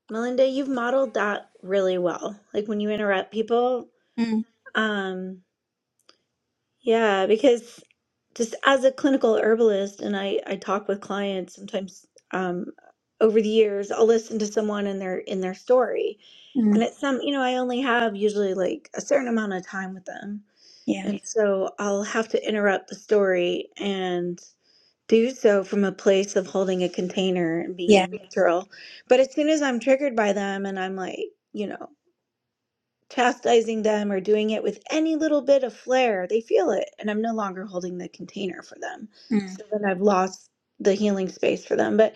Speaker 3: Melinda, you've modeled that really well. Like when you interrupt people,
Speaker 1: Mm,
Speaker 3: um, Yeah, because just as a clinical herbalist, and I, I talk with clients sometimes um, over the years, I'll listen to someone in their in their story, and
Speaker 1: mm,
Speaker 3: it's some you know I only have usually like a certain amount of time with them,
Speaker 1: yeah,
Speaker 3: and so I'll have to interrupt the story and do so from a place of holding a container and
Speaker 1: yeah,
Speaker 3: being neutral. But as soon as I'm triggered by them, and I'm like you know chastising them or doing it with any little bit of flair, they feel it. And I'm no longer holding the container for them.
Speaker 1: mm,
Speaker 3: So then I've lost the healing space for them. But,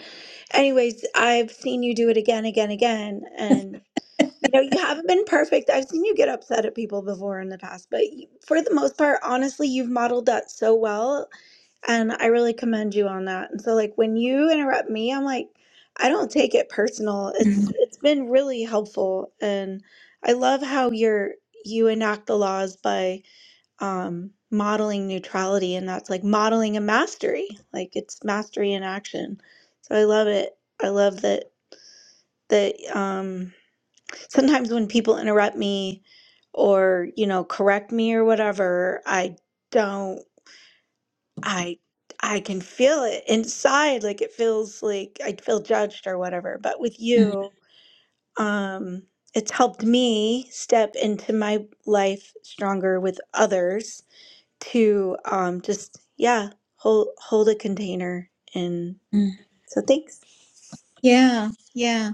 Speaker 3: anyways, I've seen you do it again, again, again. and. You know, you haven't been perfect. I've seen you get upset at people before in the past, but you- for the most part, honestly, you've modeled that so well. And I really commend you on that. And so like when you interrupt me, I'm like, I don't take it personal. It's
Speaker 1: mm,
Speaker 3: it's been really helpful. And I love how you're you enact the laws by um modeling neutrality and that's like modeling a mastery. Like it's mastery in action. So I love it. I love that that um sometimes when people interrupt me or you know correct me or whatever i don't i i can feel it inside like it feels like i feel judged or whatever but with
Speaker 1: mm,
Speaker 3: you um it's helped me step into my life stronger with others to um just yeah hold hold a container and
Speaker 1: mm.
Speaker 3: so thanks
Speaker 1: yeah, yeah.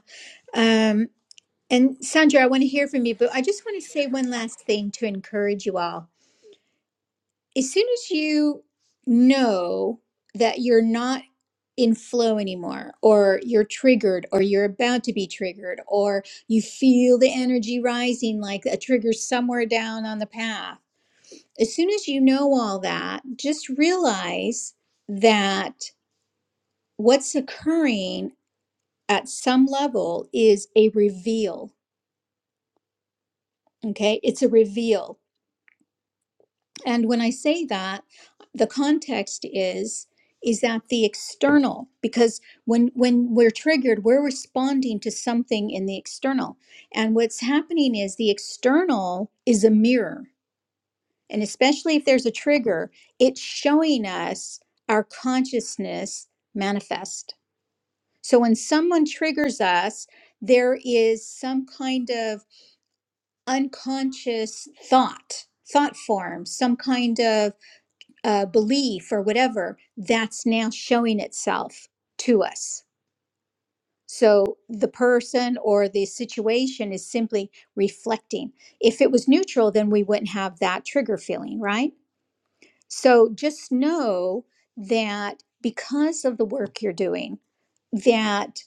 Speaker 1: Um, and Sandra, I want to hear from you, but I just want to say one last thing to encourage you all. As soon as you know that you're not in flow anymore or you're triggered or you're about to be triggered or you feel the energy rising like a trigger somewhere down on the path as soon as you know all that, just realize that what's occurring at some level is a reveal. Okay. It's a reveal. And when I say that, the context is is that the external because when when we're triggered we're responding to something in the external and what's happening is the external is a mirror and especially if there's a trigger, it's showing us our consciousness manifest. So when someone triggers us, there is some kind of unconscious thought, thought form, some kind of uh, belief or whatever that's now showing itself to us. So the person or the situation is simply reflecting. If it was neutral, then we wouldn't have that trigger feeling, right? So just know that because of the work you're doing, that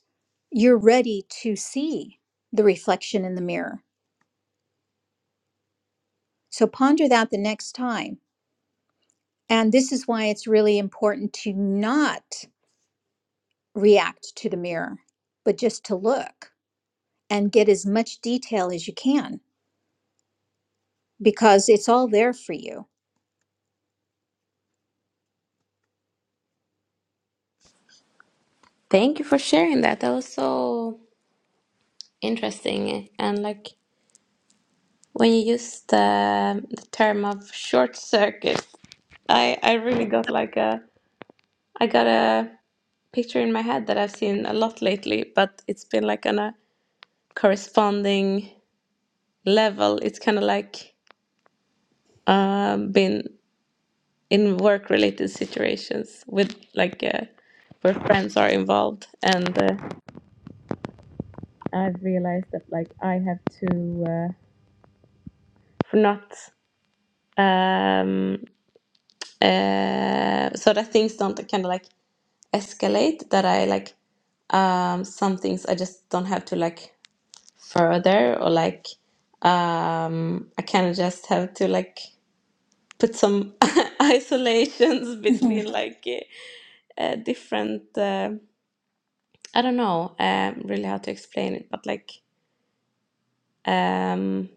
Speaker 1: you're ready to see the reflection in the mirror. So ponder that the next time. And this is why it's really important to not react to the mirror, but just to look and get as much detail as you can because it's all there for you.
Speaker 2: Thank you for sharing that. That was so interesting. And like when you used the, the term of short circuit, I I really got like a I got a picture in my head that I've seen a lot lately, but it's been like on a corresponding level. It's kind of like um, been in work related situations with like uh, where friends are involved and uh, i've realized that like i have to uh, not um, uh, so that things don't kind of like escalate that i like um, some things i just don't have to like further or like um, i kind of just have to like put some isolations
Speaker 1: Mhm.
Speaker 2: between like uh, uh, different uh, I don't know um, really how to explain it, but like um,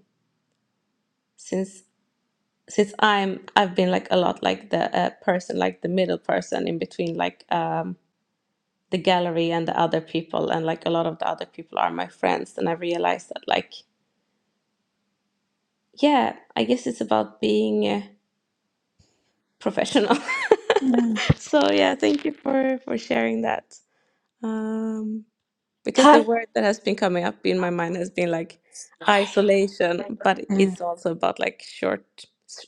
Speaker 2: since since I'm I've been like a lot like the uh, person like the middle person in between like um, the gallery and the other people, and like a lot of the other people are my friends, and I realized that like yeah, I guess it's about being uh, professional.
Speaker 1: Mm,
Speaker 2: so yeah, thank you for for sharing that. Um, Because the
Speaker 4: Hi.
Speaker 2: word that has been coming up in my mind has been like isolation, but
Speaker 1: mm,
Speaker 2: it's also about like short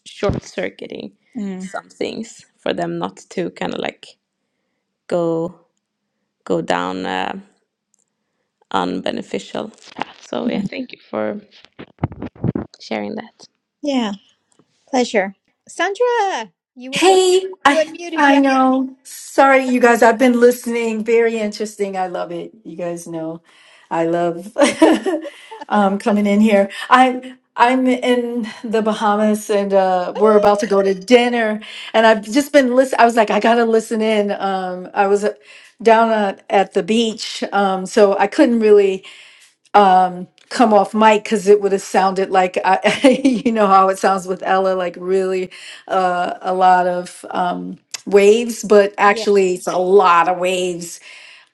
Speaker 2: short circuiting
Speaker 1: mm,
Speaker 2: some things for them not to kind of like go go down a unbeneficial path. So yeah,
Speaker 1: mm.
Speaker 2: thank you for sharing that.
Speaker 1: Yeah, pleasure. Sandra, you were going,
Speaker 4: Hey.
Speaker 1: you
Speaker 4: I
Speaker 1: unmuted.
Speaker 4: I
Speaker 1: Yeah.
Speaker 4: know. Sorry, you guys. I've been listening. Very interesting. I love it. You guys know, I love um, coming in here. I'm I'm in the Bahamas, and uh, we're about to go to dinner. And I've just been listen. I was like, I gotta listen in. Um, I was uh, down at, at the beach, um, so I couldn't really. um come off mic because it would have sounded like I, you know how it sounds with Ella, like really uh, a lot of um, waves, but
Speaker 1: Yeah.
Speaker 4: actually it's a lot of waves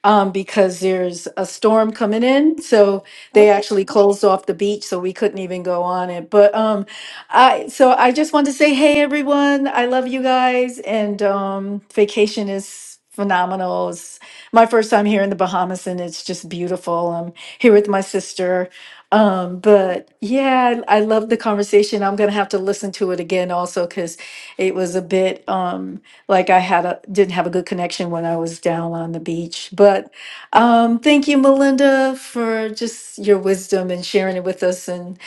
Speaker 4: um, because there's a storm coming in. So they
Speaker 1: Okay.
Speaker 4: actually closed off the beach, so we couldn't even go on it. But um, I so I just want to say, hey everyone, I love you guys, and um, vacation is phenomenal. It's my first time here in the Bahamas, and it's just beautiful. I'm here with my sister. Um, but yeah, I, I love the conversation. I'm gonna have to listen to it again also because it was a bit. Um, like I had a didn't have a good connection when I was down on the beach. But um, thank you, Melinda, for just your wisdom and sharing it with us, and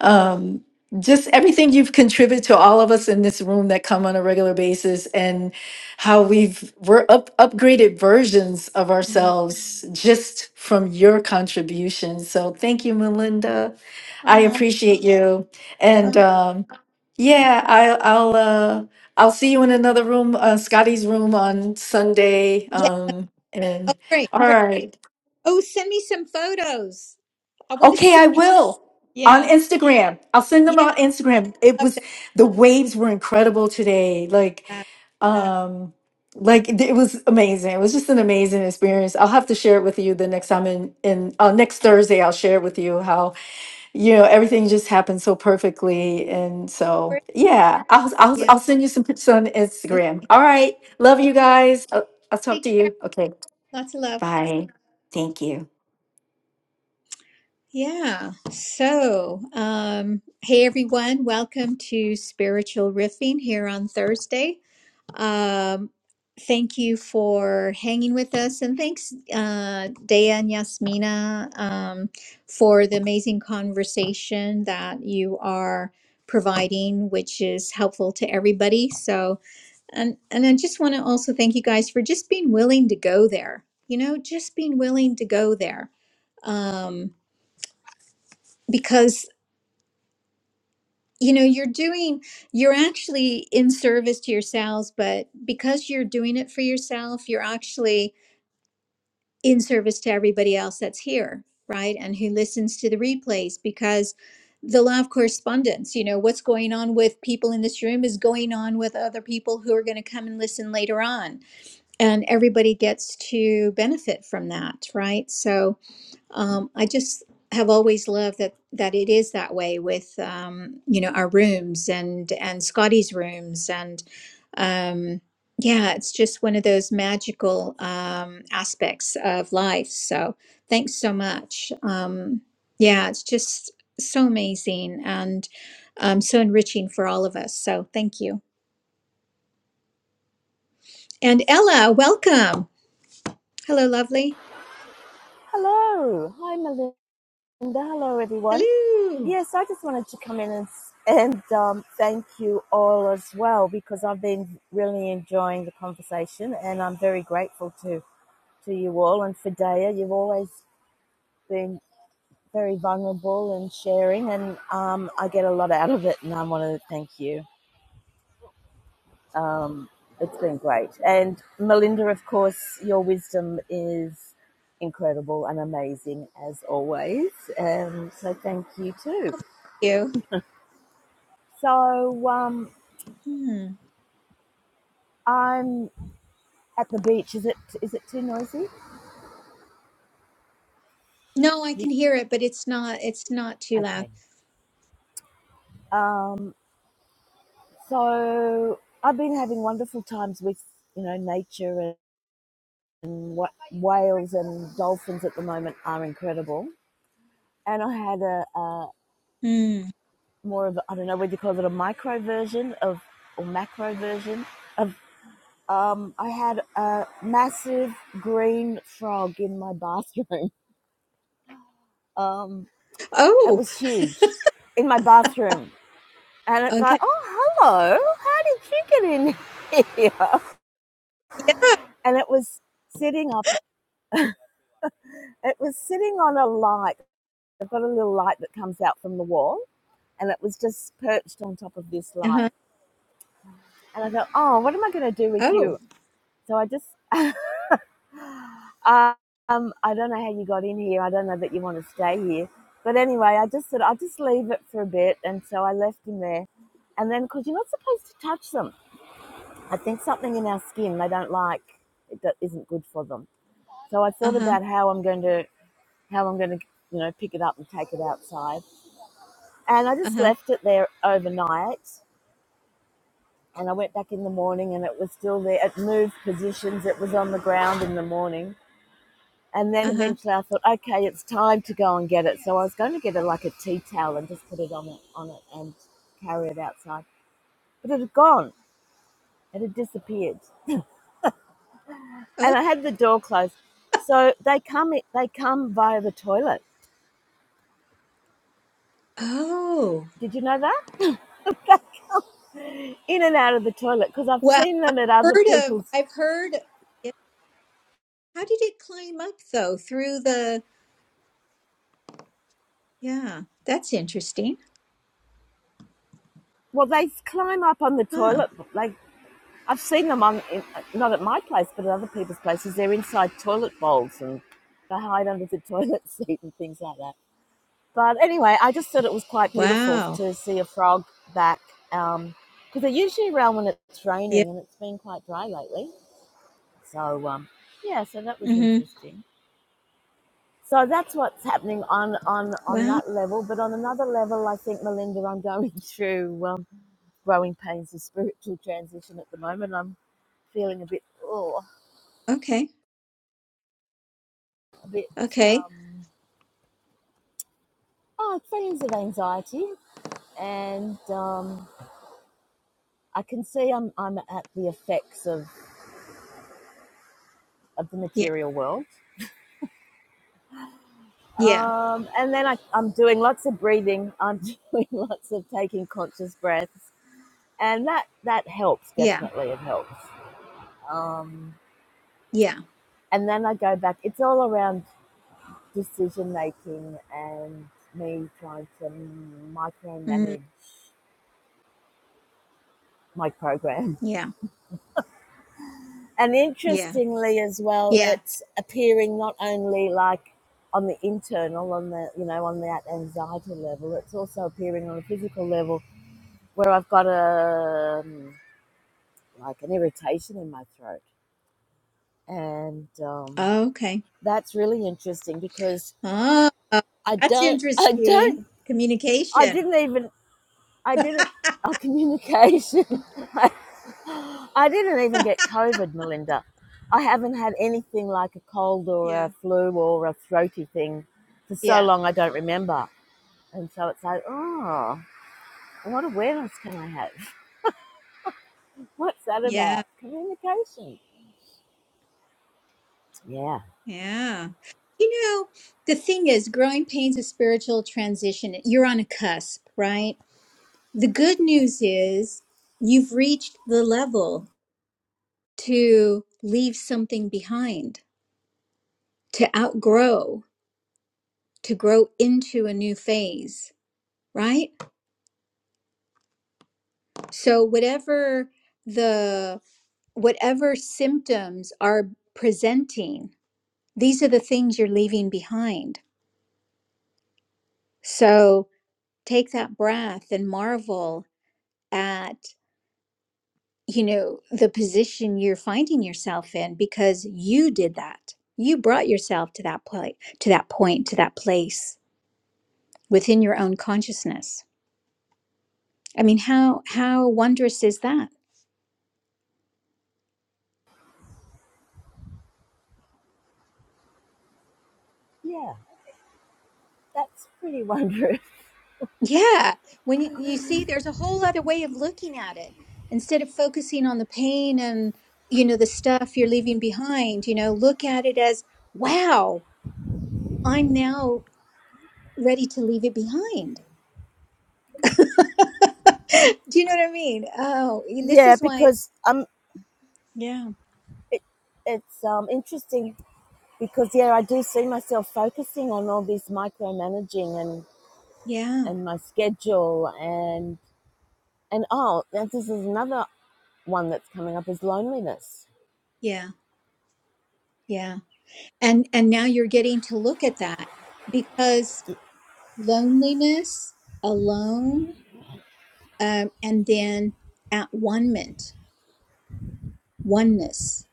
Speaker 4: um, just everything you've contributed to all of us in this room that come on a regular basis, and how we've we're up upgraded versions of
Speaker 1: Mm.
Speaker 4: ourselves just from your contribution. So thank you, Melinda. I
Speaker 1: Um,
Speaker 4: appreciate you, and
Speaker 1: um,
Speaker 4: um, yeah, I, I'll. Uh, I'll see you in another room, uh, Scotty's room on Sunday.
Speaker 1: yeah.
Speaker 4: Um,
Speaker 1: Oh,
Speaker 4: and
Speaker 1: great,
Speaker 4: all
Speaker 1: great.
Speaker 4: right.
Speaker 1: Oh, send me some photos. I want to
Speaker 4: Okay,
Speaker 1: see.
Speaker 4: I will on
Speaker 1: Yeah,
Speaker 4: Instagram. I'll send them
Speaker 1: yeah.
Speaker 4: on Instagram. It
Speaker 1: I Love
Speaker 4: was the waves were incredible today. Like,
Speaker 1: that.
Speaker 4: um, like it it was amazing. It was just an amazing experience. I'll have to share it with you the next time in, in uh, next Thursday. I'll share it with you how. you know everything just happened so perfectly and so
Speaker 1: Great.
Speaker 4: yeah i'll i'll,
Speaker 1: Yeah.
Speaker 4: I'll send you some pics on instagram all right love
Speaker 1: Okay.
Speaker 4: you guys i'll, I'll talk to
Speaker 1: Take care.
Speaker 4: you okay
Speaker 1: Lots of love.
Speaker 4: bye thank you
Speaker 1: Yeah. So, um, hey everyone, welcome to Spiritual Riffing here on Thursday. Um, thank you for hanging with us, and thanks, uh, Dea and Yasmina, um, for the amazing conversation that you are providing, which is helpful to everybody. So, and and I just want to also thank you guys for just being willing to go there. You know, just being willing to go there, um, because you know you're doing you're actually in service to yourselves, but because you're doing it for yourself, you're actually in service to everybody else that's here, right? And who listens to the replays because the law of correspondence, you know, what's going on with people in this room is going on with other people who are going to come and listen later on. And everybody gets to benefit from that, right? So, um, I just have always loved that that it is that way with um, you know our rooms and and Scotty's rooms and um, yeah, it's just one of those magical um, aspects of life. So thanks so much. Um, yeah, it's just so amazing and um, so enriching for all of us. So thank you. And Ella, welcome. Hello, lovely.
Speaker 5: Hello. Hi, Melinda. Hello, everyone.
Speaker 1: Hello.
Speaker 5: Yes, I just wanted to come in and, and um, thank you all as well because I've been really enjoying the conversation and I'm very grateful to, to you all. And for Daya, you've always been very vulnerable and sharing, and um, I get a lot out of it, and I want to thank you. Um, it's been great. And Melinda, of course, your wisdom is incredible and amazing as always. Um, so thank you too.
Speaker 1: you.
Speaker 5: So um,
Speaker 1: Hmm.
Speaker 5: I'm at the beach. Is it is it too noisy?
Speaker 1: No, I
Speaker 5: You,
Speaker 1: can hear it, but it's not it's not too loud.
Speaker 5: okay. Um, so I've been having wonderful times with you know nature and and what whales and dolphins at the moment are incredible. And I had a, a
Speaker 1: Hmm.
Speaker 5: more of I I don't know what you call it a micro version of or macro version of um I had a massive green frog in my bathroom. Um it
Speaker 1: Oh,
Speaker 5: was huge in my bathroom. And it's like,
Speaker 1: okay.
Speaker 5: oh hello, how did you get in here?
Speaker 1: Yeah.
Speaker 5: And it was sitting up it was sitting on a light. I've got a little light that comes out from the wall and it was just perched on top of this light.
Speaker 1: Uh-huh.
Speaker 5: And I thought, oh, what am I going to do with you?
Speaker 1: Oh.
Speaker 5: So I just Um, I don't know how you got in here. I don't know that you want to stay here. But anyway, I just said, I'll just leave it for a bit. And so I left him there. And then, because you're not supposed to touch them, I think something in our skin they don't like, it do- isn't good for them. So I thought
Speaker 1: Uh-huh.
Speaker 5: about how I'm going to, how I'm going to, you know, pick it up and take it outside. And I just
Speaker 1: Uh-huh.
Speaker 5: left it there overnight. And I went back in the morning and it was still there. It moved positions. It was on the ground in the morning And then
Speaker 1: Uh-huh.
Speaker 5: eventually I thought, okay, it's time to go and get it. So I was going to get a, like a tea towel and just put it on it, on it and carry it outside. But it had gone. It had disappeared.
Speaker 1: Oh.
Speaker 5: And I had the door closed. So they come they come via the toilet.
Speaker 1: Oh.
Speaker 5: Did you know that? In and out of the toilet because I've
Speaker 1: Well,
Speaker 5: seen them at other
Speaker 1: heard of.
Speaker 5: people's.
Speaker 1: I've heard. Yeah. How did it climb up though? Through the Yeah. That's interesting.
Speaker 5: Well, they climb up on the
Speaker 1: Huh.
Speaker 5: toilet. Like I've seen them on in, not at my place, but at other people's places. They're inside toilet bowls and they hide under the toilet seat and things like that. But anyway, I just thought it was quite beautiful
Speaker 1: Wow.
Speaker 5: to see a frog back because um, they're usually around when it's
Speaker 1: Yeah.
Speaker 5: raining and it's been quite dry lately. So um, yeah, so that was
Speaker 1: Mm-hmm.
Speaker 5: interesting. So that's what's happening on, on, on
Speaker 1: Wow.
Speaker 5: that level. But on another level, I think, Melinda, I'm going through um, growing pains of spiritual transition at the moment. I'm feeling a bit, oh,
Speaker 1: Okay.
Speaker 5: a bit,
Speaker 1: Okay.
Speaker 5: um, oh, feelings of anxiety. And um, I can see I'm, I'm at the effects of. of the
Speaker 1: Yeah.
Speaker 5: material world.
Speaker 1: Yeah.
Speaker 5: Um, and then I, I'm doing lots of breathing. I'm doing lots of taking conscious breaths, and that that helps
Speaker 1: Yeah.
Speaker 5: definitely. It helps. Um,
Speaker 1: Yeah.
Speaker 5: and then I go back. It's all around decision making and me trying to
Speaker 1: Mm.
Speaker 5: micromanage my program.
Speaker 1: Yeah.
Speaker 5: And
Speaker 1: Yeah.
Speaker 5: interestingly, as well,
Speaker 1: Yeah.
Speaker 5: it's appearing not only like on the internal, on the you know, on that anxiety level, it's also appearing on a physical level where I've got a um, like an irritation in my throat, and um,
Speaker 1: Okay.
Speaker 5: that's really interesting because
Speaker 1: Ah,
Speaker 5: I
Speaker 1: that's
Speaker 5: don't, I
Speaker 1: interesting.
Speaker 5: don't, I
Speaker 1: Communication.
Speaker 5: didn't even, I didn't, oh communication, I, I didn't even get COVID, Melinda. I haven't had anything like a cold or a
Speaker 1: Yeah.
Speaker 5: flu or a throaty thing for so
Speaker 1: Yeah.
Speaker 5: long. I don't remember, and so it's like, oh, what awareness can I have? What's that about?
Speaker 1: Yeah.
Speaker 5: Communication. Yeah.
Speaker 1: Yeah. You know, the thing is, growing pains of spiritual transition, you're on a cusp, right? The good news is you've reached the level to leave something behind, to outgrow, to grow into a new phase, right? So, whatever the whatever symptoms are presenting These are the things you're leaving behind. So take that breath and marvel at, you know, the position you're finding yourself in because you did that. You brought yourself to that place, to that point, to that place within your own consciousness. I mean, how how wondrous is that?
Speaker 5: Yeah. That's pretty wondrous.
Speaker 1: Yeah, when you, you see there's a whole other way of looking at it. Instead of focusing on the pain and, you know, the stuff you're leaving behind, you know, look at it as, wow, I'm now ready to leave it behind. Do you know what I mean? Oh, this
Speaker 5: Yeah,
Speaker 1: is why it's
Speaker 5: because um,
Speaker 1: yeah,
Speaker 5: it, it's um interesting because yeah, I do see myself focusing on all this micromanaging and
Speaker 1: yeah,
Speaker 5: and my schedule and and oh, and this is another one that's coming up is loneliness.
Speaker 1: yeah, yeah. And and now you're getting to look at that because loneliness, alone, um, and then at one moment, oneness.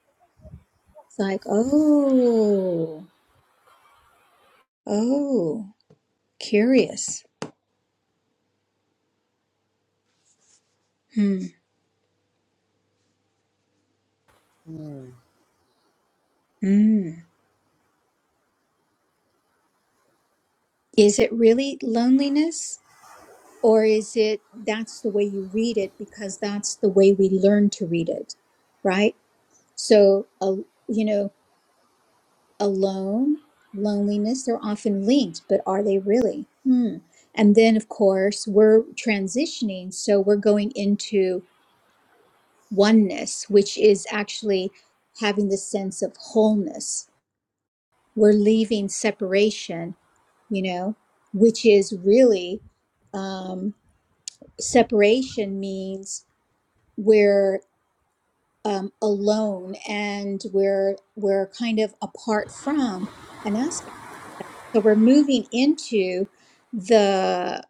Speaker 1: It's like oh, oh, curious. Hmm.
Speaker 5: Mm.
Speaker 1: hmm. Is it really loneliness? Or is it that's the way you read it because that's the way we learn to read it, right? So, a you know, alone, loneliness, they're often linked, but are they really? Hmm. And then, of course, we're transitioning. So we're going into oneness, which is actually having the sense of wholeness. We're leaving separation, you know, which is really um, separation means we're um, alone and we're we're kind of apart from an aspect. So we're moving into the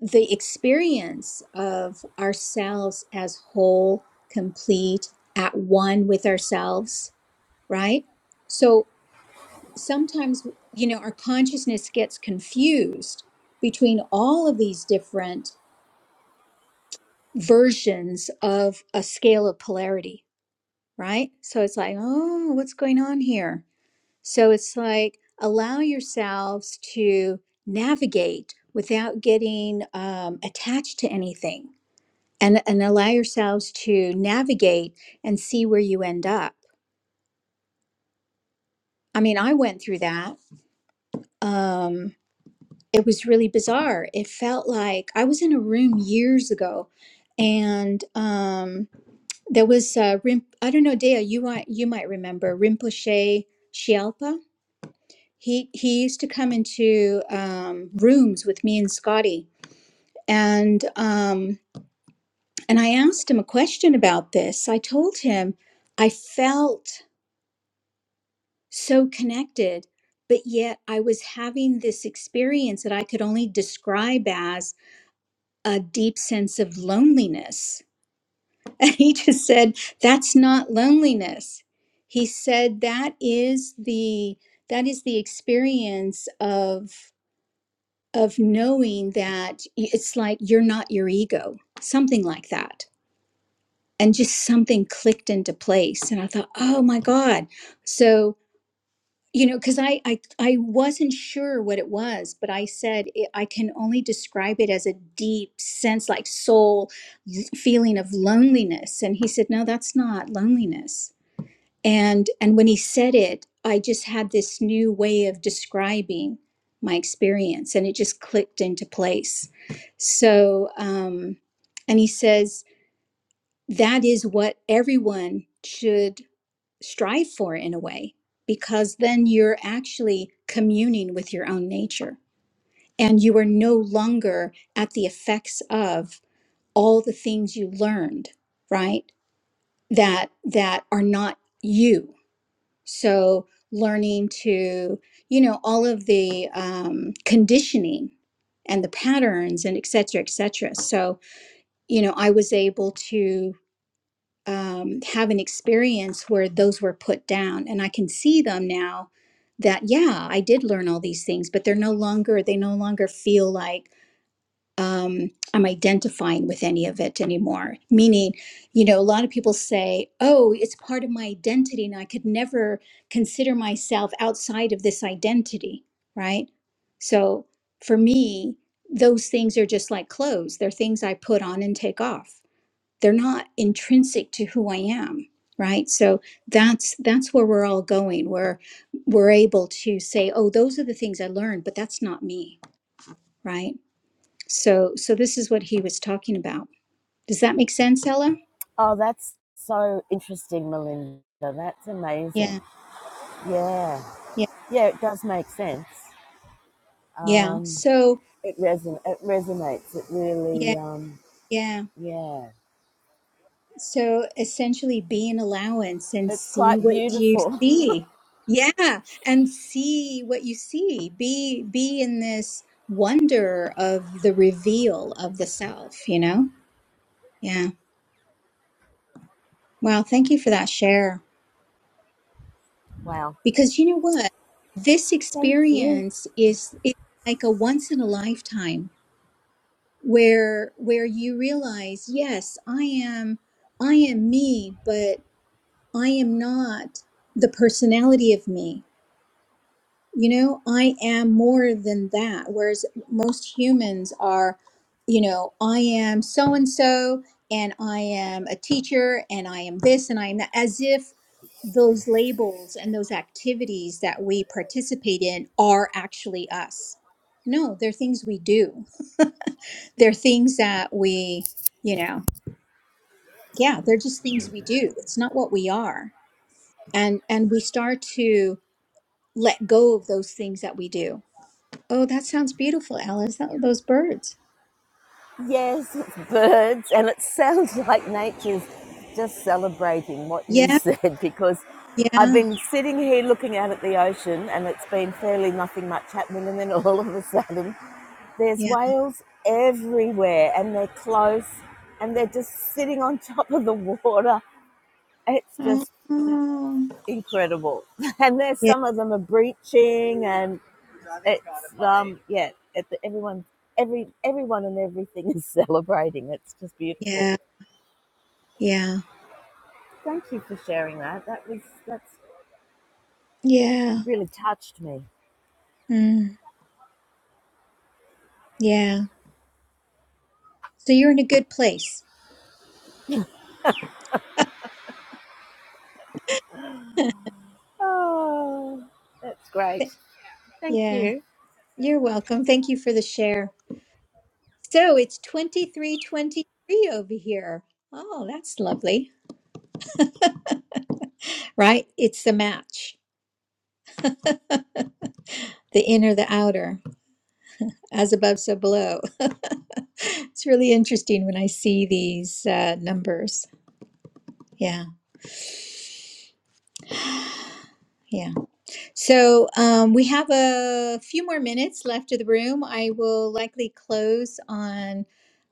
Speaker 1: the experience of ourselves as whole, complete, at one with ourselves, right? So sometimes, you know, our consciousness gets confused between all of these different versions of a scale of polarity right? So it's like, oh, what's going on here? So it's like, allow yourselves to navigate without getting um, attached to anything and, and allow yourselves to navigate and see where you end up. I mean, I went through that. Um, it was really bizarre. It felt like I was in a room years ago and um, there was uh, Rim- I don't know, Dea, you might you might remember Rinpoche Shalpa He he used to come into um, rooms with me and Scotty, and um, and I asked him a question about this. I told him I felt so connected, but yet I was having this experience that I could only describe as a deep sense of loneliness. And he just said, "That's not loneliness." He said, "That is the that is the experience of." of knowing that it's like you're not your ego, something like that. And just something clicked into place. And I thought, oh my God. So, you know, because I, I I wasn't sure what it was, but I said it, I can only describe it as a deep sense, like soul feeling of loneliness. And he said, no, that's not loneliness and and when he said it i just had this new way of describing my experience and it just clicked into place so um and he says that is what everyone should strive for in a way because then you're actually communing with your own nature and you are no longer at the effects of all the things you learned right that that are not you so learning to, you know, all of the um, conditioning and the patterns and et cetera, et cetera. So, you know, I was able to um, have an experience where those were put down and I can see them now that, yeah, I did learn all these things, but they're no longer, they no longer feel like um, I'm identifying with any of it anymore. Meaning, you know, a lot of people say, oh, it's part of my identity and I could never consider myself outside of this identity, right? So for me, those things are just like clothes. They're things I put on and take off. They're not intrinsic to who I am, right? So that's that's where we're all going. Where we're able to say, "Oh, those are the things I learned, but that's not me," right? So so this is what he was talking about. Does that make sense, Ella?
Speaker 5: Oh, that's so interesting, Melinda. That's amazing.
Speaker 1: Yeah.
Speaker 5: Yeah,
Speaker 1: Yeah.
Speaker 5: yeah, it does make sense.
Speaker 1: Yeah.
Speaker 5: Um,
Speaker 1: So
Speaker 5: it reson it resonates. It really
Speaker 1: yeah,
Speaker 5: um,
Speaker 1: yeah.
Speaker 5: yeah,
Speaker 1: So essentially be an allowance and
Speaker 5: it's
Speaker 1: see
Speaker 5: quite
Speaker 1: what you
Speaker 5: beautiful.
Speaker 1: see. Yeah, and see what you see. Be be in this wonder of the reveal of the self, you know? Yeah. Wow, thank you for that share.
Speaker 5: Wow.
Speaker 1: Because you know what? This
Speaker 5: Thank you.
Speaker 1: experience is it's like a once in a lifetime where where you realize yes i am i am me but i am not the personality of me you know i am more than that whereas most humans are you know i am so and so and i am a teacher and i am this and i am that as if those labels and those activities that we participate in are actually us no they're things we do they're things that we, you know, yeah, they're just things we do. It's not what we are. And and we start to let go of those things that we do. Oh, that sounds beautiful, Alice. That, those birds.
Speaker 5: Yes, it's birds, and it sounds like nature's just celebrating what you
Speaker 1: Yeah,
Speaker 5: said because I've
Speaker 1: yeah,
Speaker 5: been sitting here looking out at the ocean and it's been fairly nothing much happening, and then all of a sudden there's
Speaker 1: yeah.
Speaker 5: whales everywhere and they're close and they're just sitting on top of the water. It's
Speaker 1: Oh,
Speaker 5: just
Speaker 1: oh.
Speaker 5: incredible. And there's
Speaker 1: yeah,
Speaker 5: some of them are breaching and It's um yeah, it, everyone every everyone and everything is celebrating. It's just beautiful.
Speaker 1: yeah, yeah,
Speaker 5: Thank you for sharing that. That was that's
Speaker 1: yeah,
Speaker 5: really touched me.
Speaker 1: mm, yeah. So you're in a good place. Th-
Speaker 5: Oh, that's great. Thank
Speaker 1: Yeah,
Speaker 5: you.
Speaker 1: you're welcome. Thank you for the share. So it's 2323 over here. Oh, that's lovely. right? It's the match, the inner, the outer, as above, so below. it's really interesting when I see these uh, numbers. Yeah, yeah. So um, we have a few more minutes left of the room. I will likely close on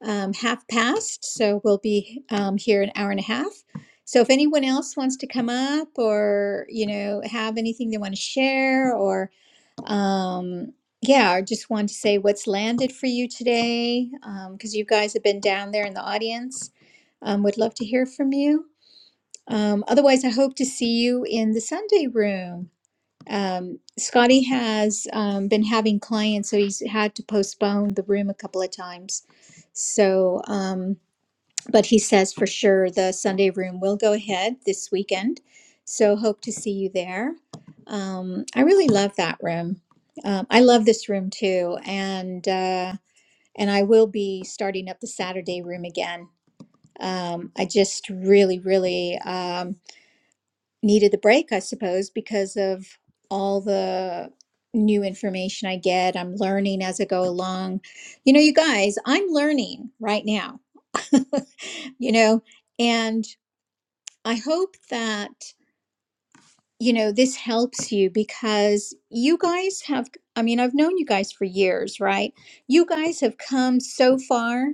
Speaker 1: um, half past, so we'll be um, here an hour and a half. So if anyone else wants to come up or you know have anything they want to share Um, yeah, I just wanted to say what's landed for you today, because you guys have been down there in the audience. Um, would love to hear from you. Um, otherwise, I hope to see you in the Sunday room. Um, Scotty has um, been having clients, so he's had to postpone the room a couple of times. So, um, but he says for sure the Sunday room will go ahead this weekend. So hope to see you there. Um, I really love that room. Um, I love this room too, and uh, and I will be starting up the Saturday room again. Um, I just really, really. Um, needed the break, I suppose, because of all the new information I get. I'm learning as I go along. You know, you guys, I'm learning right now, you know, and I hope that, you know, this helps you because you guys have, I mean, I've known you guys for years, right? You guys have come so far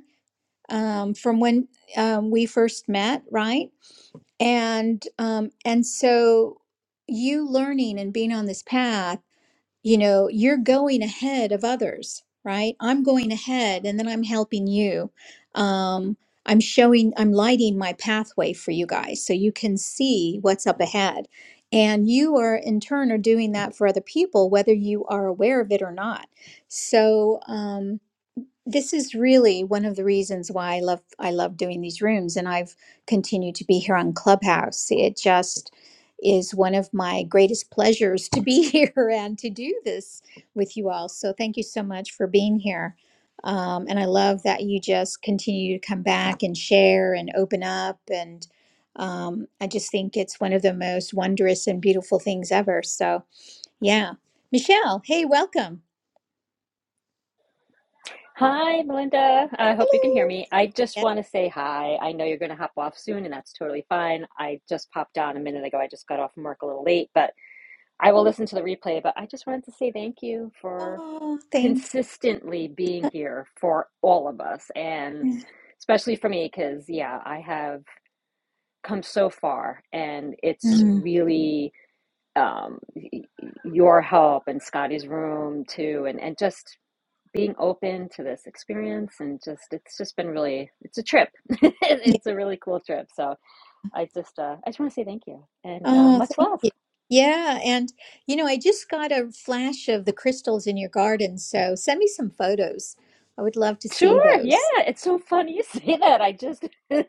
Speaker 1: um, from when um, we first met, right? and um and so you learning and being on this path you know you're going ahead of others right i'm going ahead and then i'm helping you um i'm showing i'm lighting my pathway for you guys so you can see what's up ahead and you are in turn are doing that for other people whether you are aware of it or not so um, this is really one of the reasons why I love I love doing these rooms and I've continued to be here on Clubhouse. It just is one of my greatest pleasures to be here and to do this with you all. So thank you so much for being here. Um, and I love that you just continue to come back and share and open up. And um, I just think it's one of the most wondrous and beautiful things ever. So, yeah. Michelle, hey, welcome.
Speaker 6: Hi, Melinda. I hope you can hear
Speaker 1: Hello.
Speaker 6: me. I just
Speaker 1: Yes.
Speaker 6: want to say hi. I know you're going to hop off soon, and that's totally fine. I just popped on a minute ago. I just got off from work a little late, but I will listen to the replay. But I just wanted to say thank you for
Speaker 1: Oh, thanks.
Speaker 6: consistently being here for all of us, and especially for me, because, yeah, I have come so far, and it's
Speaker 1: Mm.
Speaker 6: really um, y- y- your help and Scotty's room too, and, and just being open to this experience and just it's just been really it's a trip
Speaker 1: Yeah.
Speaker 6: it's a really cool trip so i just uh i just want to say thank you and uh
Speaker 1: Oh,
Speaker 6: much
Speaker 1: thank
Speaker 6: love
Speaker 1: you. Yeah, and you know, I just got a flash of the crystals in your garden, so send me some photos. I would love to see
Speaker 6: sure yeah
Speaker 1: those.
Speaker 6: it's so funny you say that i just i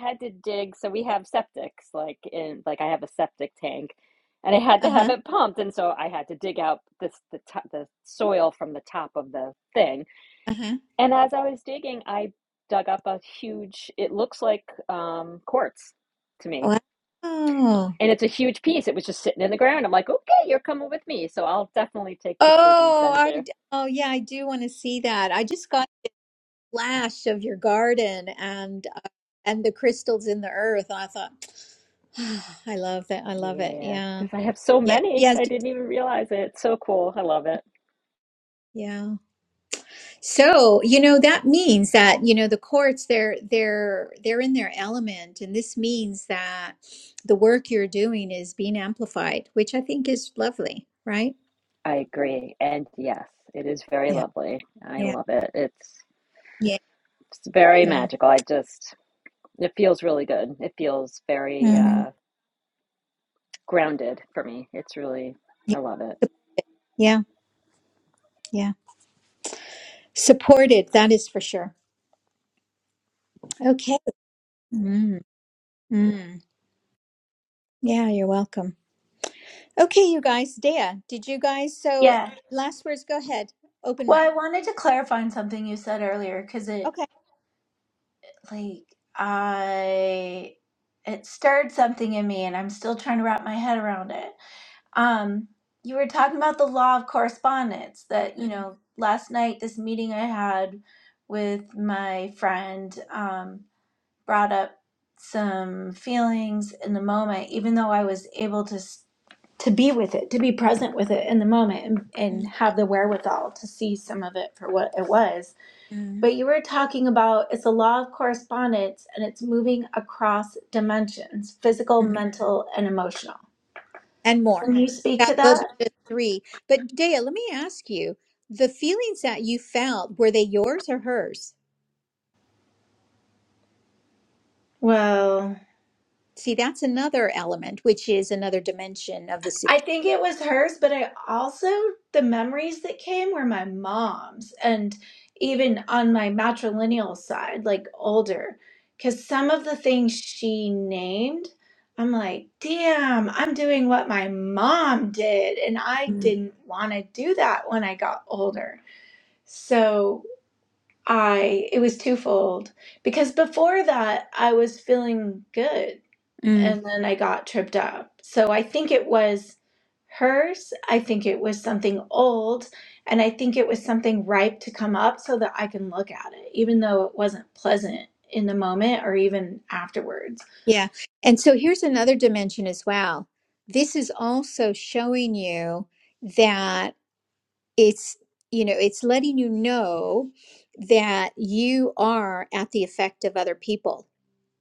Speaker 6: had to dig so we have septics like in like i have a septic tank and i had to have
Speaker 1: Uh-huh.
Speaker 6: it pumped and so i had to dig out this the top the soil from the top of the thing
Speaker 1: Uh-huh.
Speaker 6: and as i was digging i dug up a huge it looks like um quartz to me
Speaker 1: Wow. Oh,
Speaker 6: and it's a huge piece. It was just sitting in the ground. I'm like, okay, you're coming with me. So I'll definitely take pictures and
Speaker 1: oh,
Speaker 6: send
Speaker 1: I,
Speaker 6: you.
Speaker 1: d- oh yeah, I do want to see that. I just got a flash of your garden and uh, and the crystals in the earth. I thought, I love that. I love it.
Speaker 6: Yeah,
Speaker 1: Yeah.
Speaker 6: because I have so
Speaker 1: Yeah.
Speaker 6: many.
Speaker 1: Yes.
Speaker 6: I didn't even realize it. It's so cool. I love it.
Speaker 1: Yeah. So, you know, that means that, you know, the courts they're they're they're in their element and this means that the work you're doing is being amplified, which I think is lovely, right?
Speaker 6: I agree. And yes, it is very
Speaker 1: Yeah.
Speaker 6: lovely. I
Speaker 1: Yeah.
Speaker 6: love it. It's,
Speaker 1: Yeah.
Speaker 6: it's very
Speaker 1: Yeah.
Speaker 6: magical. I just, it feels really good. It feels very
Speaker 1: Mhm.
Speaker 6: uh, grounded for me. It's really,
Speaker 1: Yeah.
Speaker 6: I love it.
Speaker 1: Yeah. Yeah. Supported, that is for sure. Okay. Mm. Mm. Yeah, you're welcome. Okay, you guys, Dea, did you guys so
Speaker 3: Yeah.
Speaker 1: last words go ahead. Open
Speaker 3: Well,
Speaker 1: mic.
Speaker 3: I wanted to clarify on something you said earlier because it
Speaker 1: Okay.
Speaker 3: like I it stirred something in me and I'm still trying to wrap my head around it. Um you were talking about the law of correspondence that, you
Speaker 1: Mm.
Speaker 3: know, last night this meeting I had with my friend um brought up some feelings in the moment even though I was able to s- to be with it, to be present with it in the moment and, and
Speaker 1: Mm.
Speaker 3: have the wherewithal to see some of it for what it was
Speaker 1: mm,
Speaker 3: but you were talking about it's a law of correspondence and it's moving across dimensions physical,
Speaker 1: mm.
Speaker 3: mental, and emotional.
Speaker 1: and more.
Speaker 3: Can you speak
Speaker 1: That
Speaker 3: to that?
Speaker 1: those are just three. But Dea, let me ask you: the feelings that you felt were they yours or hers?
Speaker 3: Well,
Speaker 1: See, that's another element, which is another dimension of the
Speaker 3: I
Speaker 1: situation.
Speaker 3: think it was hers, but I also, the memories that came were my mom's and even on my matrilineal side, like older, because some of the things she named, I'm like, damn, I'm doing what my mom did. And I
Speaker 1: Mm.
Speaker 3: didn't want to do that when I got older. So I, it was twofold because before that I was feeling good
Speaker 1: Mm.
Speaker 3: and then I got tripped up. So I think it was hers. I think it was something old and I think it was something ripe to come up so that I can look at it, even though it wasn't pleasant in the moment or even afterwards.
Speaker 1: Yeah, and so here's another dimension as well. This is also showing you that it's you know it's letting you know that you are at the effect of other people.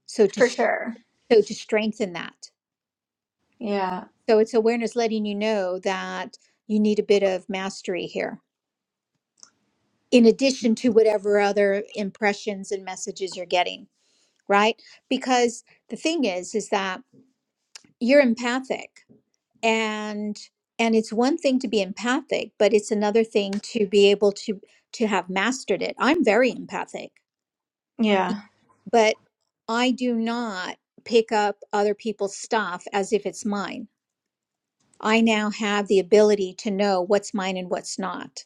Speaker 1: So to
Speaker 3: For sure.
Speaker 1: so to strengthen that.
Speaker 3: Yeah.
Speaker 1: So it's awareness letting you know that you need a bit of mastery here, in addition to whatever other impressions and messages you're getting, right? Because the thing is, is that you're empathic and and it's one thing to be empathic but it's another thing to be able to to have mastered it i'm very empathic
Speaker 3: Yeah.
Speaker 1: but i do not pick up other people's stuff as if it's mine i now have the ability to know what's mine and what's not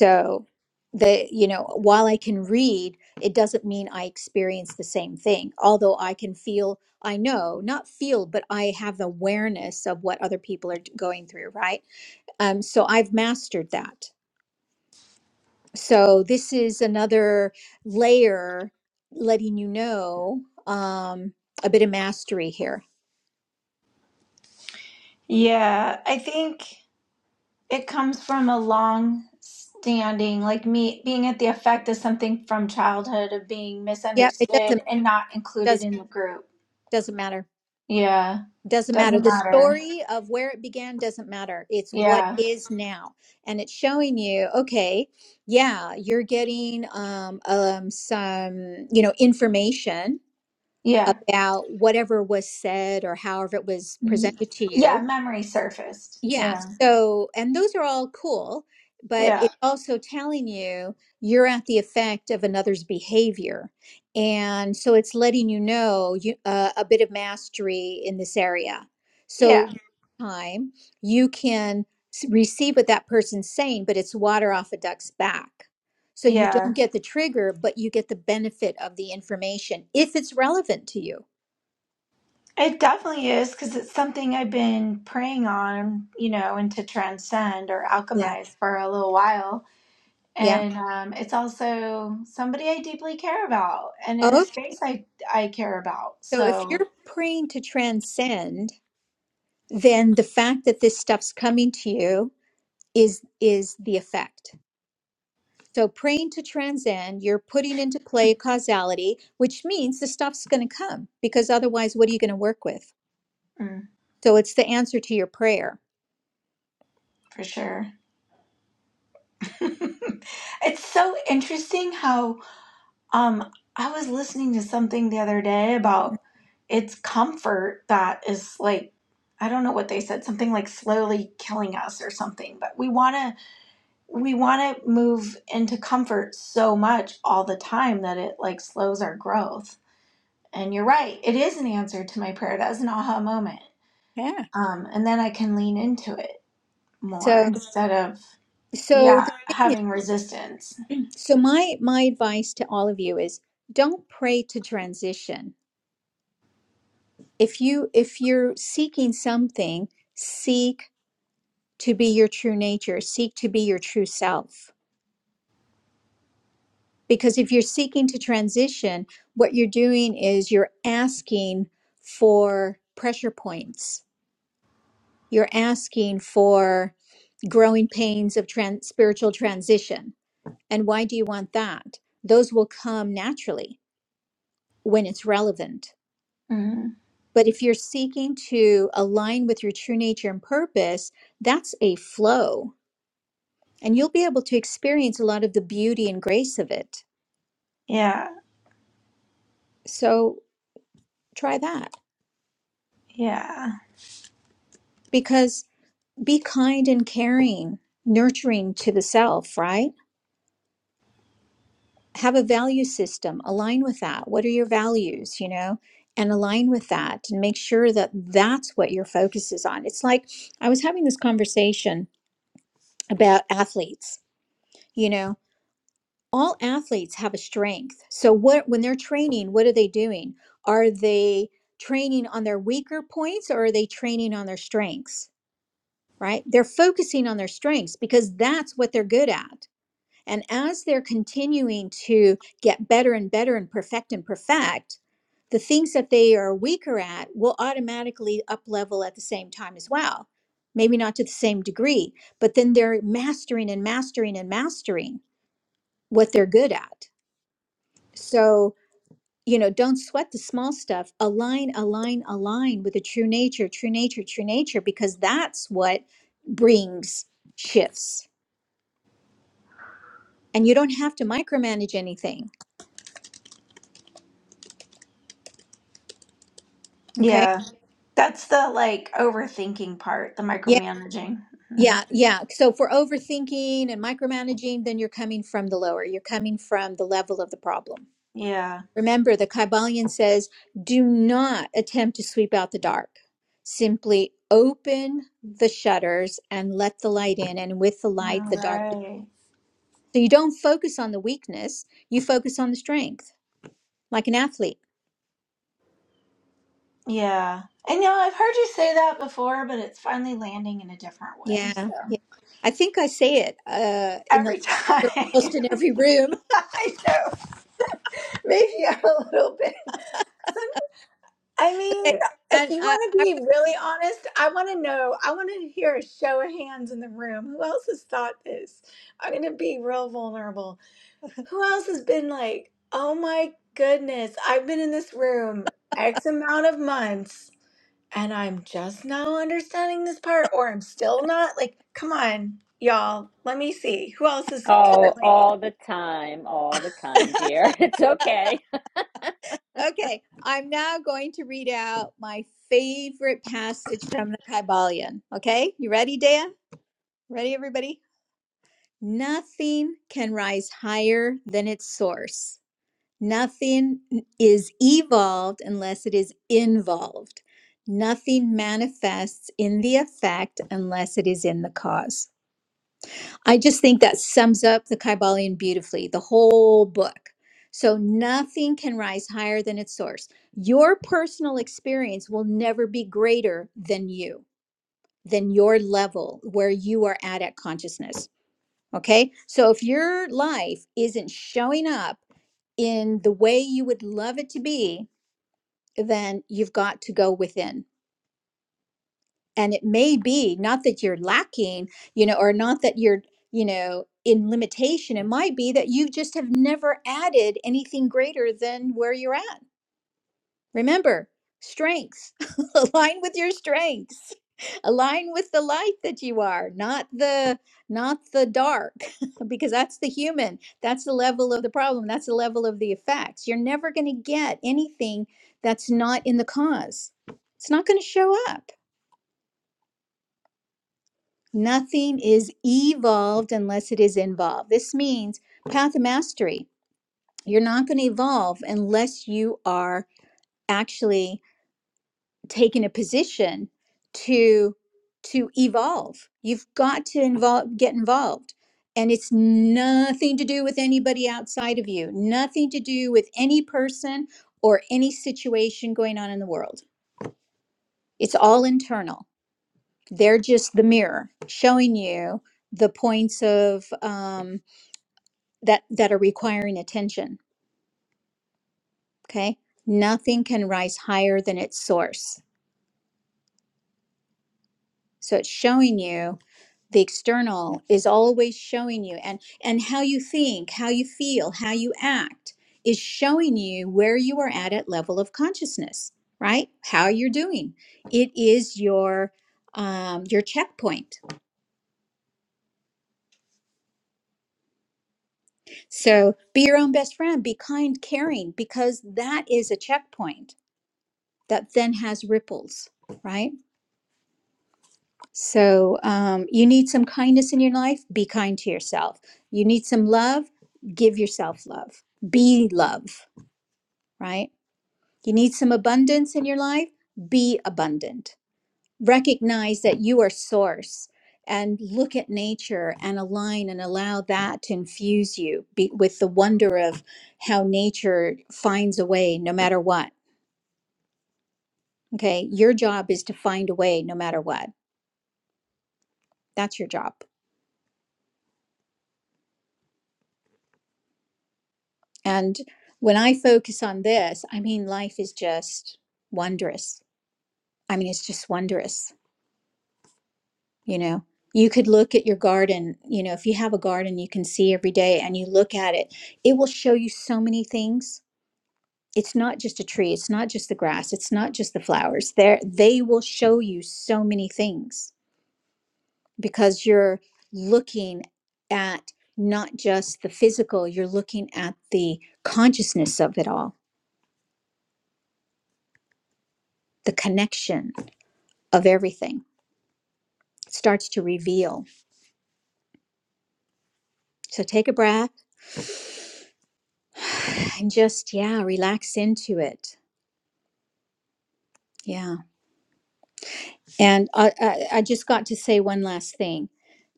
Speaker 1: So the you know, while I can read, it doesn't mean I experience the same thing. Although I can feel, I know, not feel, but I have the awareness of what other people are d- going through, right? Um, so I've mastered that. So this is another layer letting you know um, a bit of mastery here.
Speaker 3: Yeah. I think. It comes from a long standing, like me being at the effect of something from childhood of being
Speaker 1: Yeah, it
Speaker 3: misunderstood
Speaker 1: doesn't
Speaker 3: and not included
Speaker 1: does
Speaker 3: in the group.
Speaker 1: doesn't matter
Speaker 3: Yeah,
Speaker 1: doesn't matter
Speaker 3: doesn't
Speaker 1: the
Speaker 3: matter.
Speaker 1: story of where it began doesn't matter it's what
Speaker 3: Yeah,
Speaker 1: is now and it's showing you okay yeah you're getting um, um some you know information
Speaker 3: yeah,
Speaker 1: about whatever was said or however it was
Speaker 3: Y-
Speaker 1: presented to you
Speaker 3: yeah. Memory surfaced.
Speaker 1: yeah.
Speaker 3: Yeah,
Speaker 1: So, and those are all cool, but
Speaker 3: yeah,
Speaker 1: it's also telling you you're at the effect of another's behavior. And so it's letting you know you, uh, a bit of mastery in this area. So,
Speaker 3: yeah,
Speaker 1: next time you can s- receive what that person's saying, but it's water off a duck's back. So you don't
Speaker 3: yeah.
Speaker 1: get the trigger, but you get the benefit of the information if it's relevant to you.
Speaker 3: It definitely is because it's something I've been preying on, you know, and to transcend or
Speaker 1: Yeah.
Speaker 3: alchemize for a little while
Speaker 1: Yeah.
Speaker 3: and um, it's also somebody I deeply care about, and in a
Speaker 1: Okay.
Speaker 3: space I I care about.
Speaker 1: So if
Speaker 3: So
Speaker 1: you're praying to transcend, then the fact that this stuff's coming to you is is the effect so praying to transcend you're putting into play causality which means the stuff's going to come because otherwise what are you going to work with
Speaker 3: mm,
Speaker 1: so it's the answer to your prayer
Speaker 3: for sure, it's so interesting how um I was listening to something the other day about it's comfort that is like I don't know what they said something like slowly killing us or something, but we want to we want to move into comfort so much all the time that it like slows our growth And you're right. It is an answer to my prayer. That was an aha moment.
Speaker 1: yeah
Speaker 3: Um, and then I can lean into it more
Speaker 1: So,
Speaker 3: instead of,
Speaker 1: so
Speaker 3: yeah,
Speaker 1: the thing is,
Speaker 3: having resistance.
Speaker 1: so my my advice to all of you is don't pray to transition. If you if you're seeking something, seek to be your true nature, seek to be your true self. Because if you're seeking to transition, what you're doing is you're asking for pressure points. You're asking for growing pains of trans- spiritual transition. And why do you want that? Those will come naturally when it's relevant.
Speaker 3: hmm
Speaker 1: But if you're seeking to align with your true nature and purpose, that's a flow, and you'll be able to experience a lot of the beauty and grace of it.
Speaker 3: Yeah.
Speaker 1: So try that
Speaker 3: Yeah.
Speaker 1: because be kind and caring, nurturing to the self, right? Have a value system, align with that. What are your values, you know? And align with that and make sure that that's what your focus is on. It's like I was having this conversation about athletes. You know, all athletes have a strength. So what when they're training, what are they doing? Are they training on their weaker points or are they training on their strengths? Right? They're focusing on their strengths because that's what they're good at. And as they're continuing to get better and better and perfect and perfect, the things that they are weaker at will automatically up level at the same time as well. Maybe not to the same degree, but then they're mastering and mastering and mastering what they're good at so, you know, don't sweat the small stuff. Align, align, align with the true nature, true nature, true nature, because that's what brings shifts. And you don't have to micromanage anything. Okay.
Speaker 3: Yeah. That's the like overthinking part, the
Speaker 1: Yeah.
Speaker 3: micromanaging. Mhm.
Speaker 1: Yeah. Yeah. So, for overthinking and micromanaging, then you're coming from the lower, you're coming from the level of the problem.
Speaker 3: Yeah.
Speaker 1: Remember, the Kybalion says do not attempt to sweep out the dark simply open the shutters and let the light in and with the light
Speaker 3: All
Speaker 1: the dark.
Speaker 3: right.
Speaker 1: So you don't focus on the weakness, you focus on the strength, like an athlete.
Speaker 3: Yeah. And you know, I've heard you say that before, but it's finally landing in a different way.
Speaker 1: Yeah,
Speaker 3: So
Speaker 1: yeah. I think I say it uh, in the
Speaker 3: every
Speaker 1: you're
Speaker 3: time
Speaker 1: almost in every room.
Speaker 3: I know, maybe I'm a little bit. I
Speaker 1: Okay,
Speaker 3: mean, if
Speaker 1: and
Speaker 3: you
Speaker 1: I,
Speaker 3: want to
Speaker 1: I'm
Speaker 3: be
Speaker 1: gonna
Speaker 3: really honest, I want to know, I want to hear a show of hands in the room. Who else has thought this? I'm going to be real vulnerable. Who else has been like, oh my goodness, I've been in this room X amount of months and I'm just now understanding this part or I'm still not? Like, come on, y'all, let me see. Who else is can
Speaker 6: Oh,
Speaker 3: relate?
Speaker 6: all the time, all the time, dear. It's okay.
Speaker 1: be- okay. I'm now going to read out my favorite passage from the Kybalion. Okay, you ready, Dea? Ready, everybody? Nothing can rise higher than its source. Nothing is evolved unless it is involved. Nothing manifests in the effect unless it is in the cause. I just think that sums up the Kybalion beautifully, the whole book. So nothing can rise higher than its source. Your personal experience will never be greater than you, than your level where you are at at consciousness. Okay. So if your life isn't showing up in the way you would love it to be, then you've got to go within. And it may be not that you're lacking, you know, or not that you're, you know, in limitation. It might be that you just have never added anything greater than where you're at. Remember, strengths align with your strengths. Align with the light that you are, not the not the dark, because that's the human. That's the level of the problem. That's the level of the effects. You're never going to get anything that's not in the cause. It's not going to show up. Nothing is evolved unless it is involved. This means path of mastery. You're not going to evolve unless you are actually taken a position to to evolve you've got to involve get involved and it's nothing to do with anybody outside of you nothing to do with any person or any situation going on in the world it's all internal they're just the mirror showing you the points of um, that that are requiring attention okay nothing can rise higher than its source so it's showing you the external is always showing you and and how you think how you feel how you act is showing you where you are at at level of consciousness right how you're doing it is your um, your checkpoint so be your own best friend be kind caring because that is a checkpoint that then has ripples right so um, you need some kindness in your life be kind to yourself you need some love give yourself love be love right? You need some abundance in your life? Be abundant. Recognize that you are source and look at nature and align and allow that to infuse you be, with the wonder of how nature finds a way no matter what. Okay. Your job is to find a way no matter what. That's your job. And when I focus on this, I mean, life is just wondrous. I mean, it's just wondrous You know, you could look at your garden. You know, if you have a garden you can see every day and you look at it, it will show you so many things. It's not just a tree, it's not just the grass, it's not just the flowers. There they will show you so many things because you're looking at not just the physical, you're looking at the consciousness of it all, the connection of everything. It starts to reveal. So take a breath and just yeah, relax into it. Yeah. And I, I, I just got to say one last thing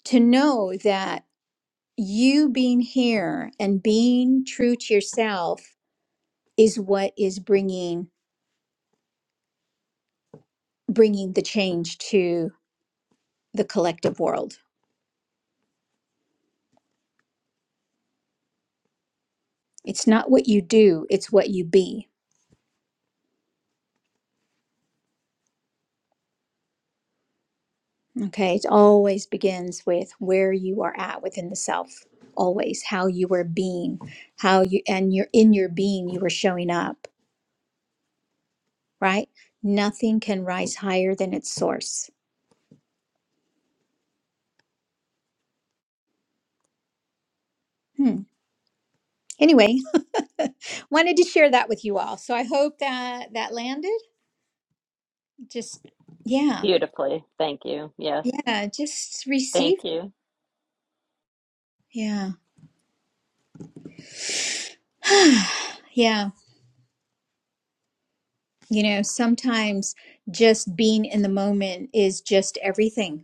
Speaker 1: to know that you being here and being true to yourself is what is bringing bringing the change to the collective world. It's not what you do, it's what you be. Okay? It always begins with where you are at within the self. Always how you are being, how you and you're in your being you are showing up, right? Nothing can rise higher than its source. Hmm. Anyway, wanted to share that with you all. So I hope that that landed. Just yeah.
Speaker 6: Beautifully. Thank you. Yes.
Speaker 1: Yeah, just
Speaker 6: Thank
Speaker 1: receive.
Speaker 6: you.
Speaker 1: Yeah. yeah. You know, sometimes just being in the moment is just everything.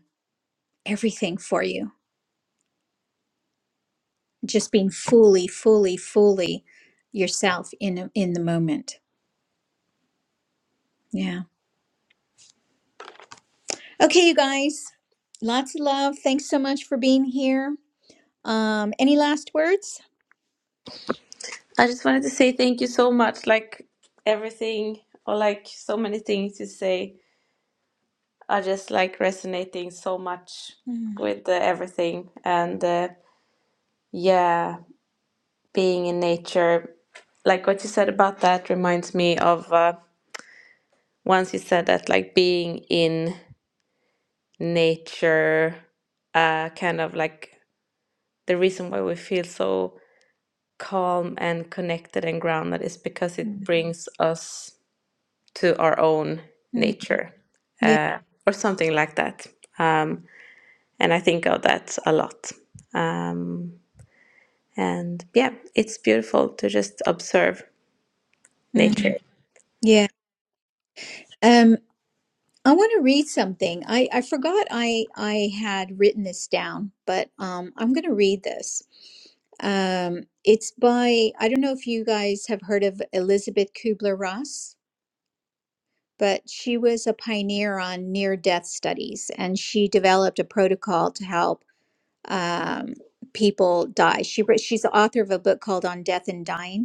Speaker 1: Everything for you. Just being fully, fully, fully yourself in in the moment. Yeah. Okay, you guys. Lots of love. Thanks so much for being here. Um any last words?
Speaker 2: I just wanted to say thank you so much. Like everything or like so many things you say are just like resonating so much
Speaker 1: Mm,
Speaker 2: with uh, everything and uh, yeah being in nature like what you said about that reminds me of uh, once you said that like being in nature uh, kind of like the reason why we feel so calm and connected and grounded is because it
Speaker 1: mm,
Speaker 2: brings us to our own
Speaker 1: mm.
Speaker 2: nature
Speaker 1: Yeah.
Speaker 2: uh, or something like that um, and i think of that a lot um, and yeah it's beautiful to just observe
Speaker 1: mm.
Speaker 2: nature
Speaker 1: Yeah. Um, I want to read something. I, I forgot I, I had written this down, but um, I'm going to read this. Um, it's by, I don't know if you guys have heard of Elizabeth Kubler Ross, but she was a pioneer on near death studies and she developed a protocol to help um, people die. She, wrote- she's the author of a book called On Death and Dying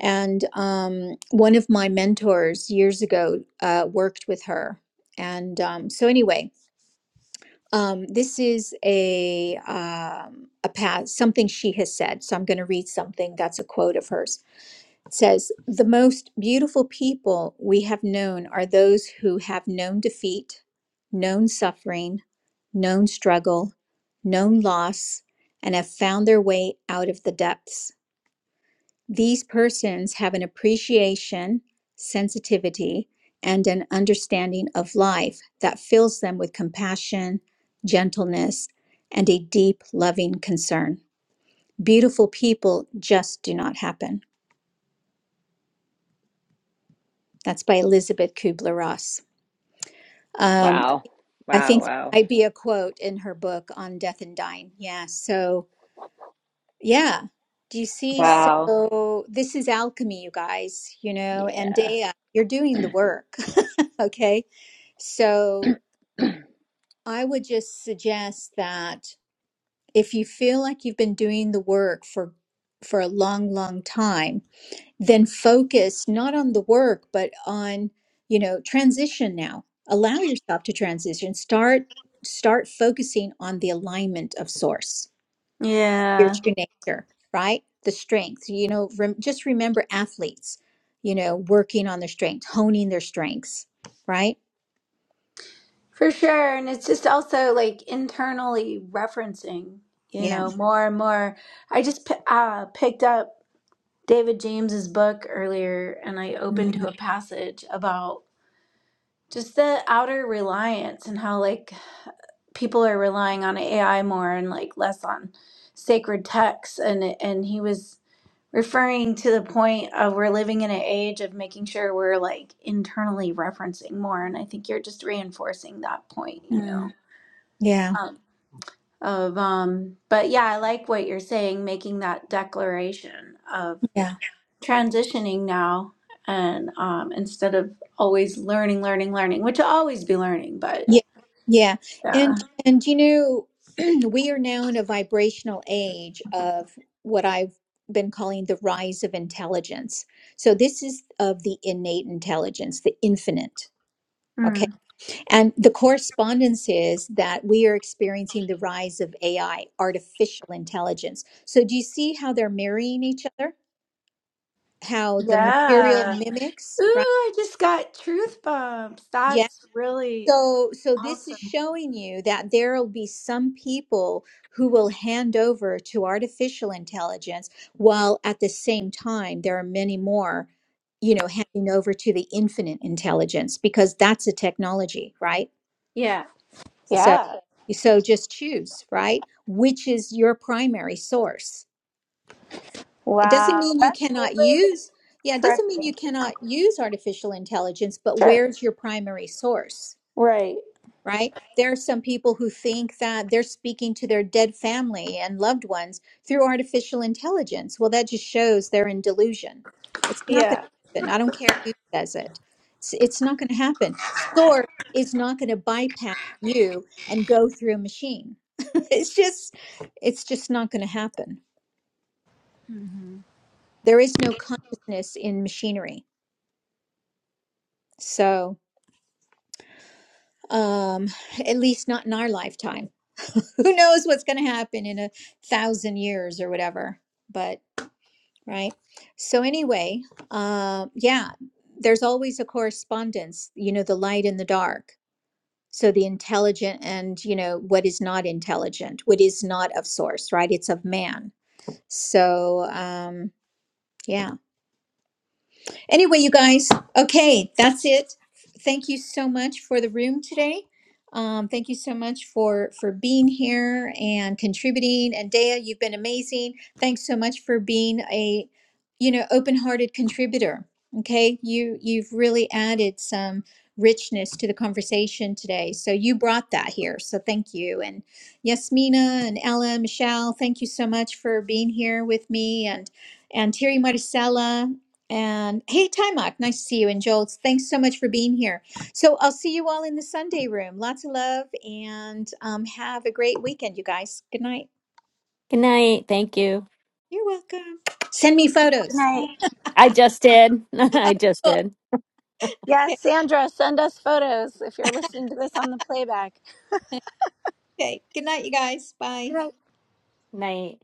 Speaker 1: And um, one of my mentors years ago uh, worked with her. And um, so, anyway, um, this is a um, a path something she has said. So I'm going to read something that's a quote of hers. It says, "The most beautiful people we have known are those who have known defeat, known suffering, known struggle, known loss, and have found their way out of the depths." These persons have an appreciation, sensitivity, and an understanding of life that fills them with compassion, gentleness, and a deep, loving concern. Beautiful people just do not happen. That's by Elizabeth Kubler Ross. Um,
Speaker 6: Wow.
Speaker 1: I
Speaker 6: Wow.
Speaker 1: think that
Speaker 6: Wow.
Speaker 1: might be a quote in her book on death and dying. Yeah. So, yeah. Do you see?
Speaker 6: Wow.
Speaker 1: So, this is alchemy, you guys, you know, and
Speaker 6: Yeah.
Speaker 1: Dea, you're doing the work Okay. So I would just suggest that if you feel like you've been doing the work for for a long, long time, then focus not on the work, but on, you know, transition now. Allow yourself to transition. Start start focusing on the alignment of source, your
Speaker 3: Yeah.
Speaker 1: true nature, right? The strength. You know, rem- just remember athletes, you know, working on their strength, honing their strengths, right?
Speaker 3: For sure. And it's just also like internally referencing, you
Speaker 1: Yeah.
Speaker 3: know, more and more. I just p- uh, picked up David James's book earlier and I opened to a passage about just the outer reliance and how like people are relying on AI more and like less on sacred texts and and he was referring to the point of we're living in an age of making sure we're like internally referencing more and I think you're just reinforcing that point, you know.
Speaker 1: Yeah,
Speaker 3: Um, of um but yeah i like what you're saying making that declaration of
Speaker 1: yeah,
Speaker 3: transitioning now and um instead of always learning learning learning which i'll always be learning but
Speaker 1: yeah, yeah. And
Speaker 3: yeah
Speaker 1: and you know, we are now in a vibrational age of what I've been calling the rise of intelligence. So this is of the innate intelligence, the infinite. Okay.
Speaker 3: Mm.
Speaker 1: And the correspondence is that we are experiencing the rise of AI, artificial intelligence. So do you see how they're marrying each other? How the material
Speaker 3: yeah
Speaker 1: mimics,
Speaker 3: ooh
Speaker 1: right?
Speaker 3: i just got truth bumps
Speaker 1: Yeah,
Speaker 3: that's really
Speaker 1: So, so this is
Speaker 3: awesome
Speaker 1: showing you that there will be some people who will hand over to artificial intelligence, while at the same time there are many more, you know, handing over to the infinite intelligence because that's a technology, right?
Speaker 3: yeah
Speaker 1: So,
Speaker 3: Yeah.
Speaker 1: so just choose, right? Which is your primary source? It doesn't
Speaker 3: Wow.
Speaker 1: mean you cannot use, yeah, it
Speaker 3: That's Right.
Speaker 1: doesn't mean you cannot use artificial intelligence, but
Speaker 3: Sure.
Speaker 1: where's your primary source?
Speaker 3: right
Speaker 1: right? There are some people who think that they're speaking to their dead family and loved ones through artificial intelligence. Well, that just shows they're in delusion. It's not going
Speaker 3: yeah
Speaker 1: to happen. I don't care who says it. It's, it's not going to happen. Source is not going to bypass you and go through a machine. it's just, it's just not going to happen. There is no consciousness in machinery. So, um, at least not in our lifetime who knows what's going to happen in a thousand years or whatever but right so anyway uh, yeah there's always a correspondence you know the light and the dark so the intelligent and you know what is not intelligent what is not of source right it's of man so um yeah Anyway, you guys, okay, that's it. Thank you so much for the room today. Um, thank you so much for for being here and contributing. And Dea, you've been amazing. Thanks so much for being a you know open-hearted contributor. Okay, you you've really added some richness to the conversation today. So you brought that here. So thank you. And Yasmina and Ella, Michelle, thank you so much for being here with me and and Terry Maricela. And hey, Timok, nice to see you. And Joel, thanks so much for being here. So I'll see you all in the Sunday room. Lots of love and um, have a great weekend, you guys. Good night.
Speaker 6: Good night. Thank you.
Speaker 1: You're welcome. Send me
Speaker 3: Good
Speaker 1: photos.
Speaker 3: night.
Speaker 6: I just did. I just
Speaker 1: Cool.
Speaker 6: did.
Speaker 3: Yes,
Speaker 1: Okay.
Speaker 3: Sandra, send us photos if you're listening to this on the playback.
Speaker 1: Okay. Good night, you guys.
Speaker 3: Good
Speaker 1: Bye.
Speaker 3: night.
Speaker 6: Night.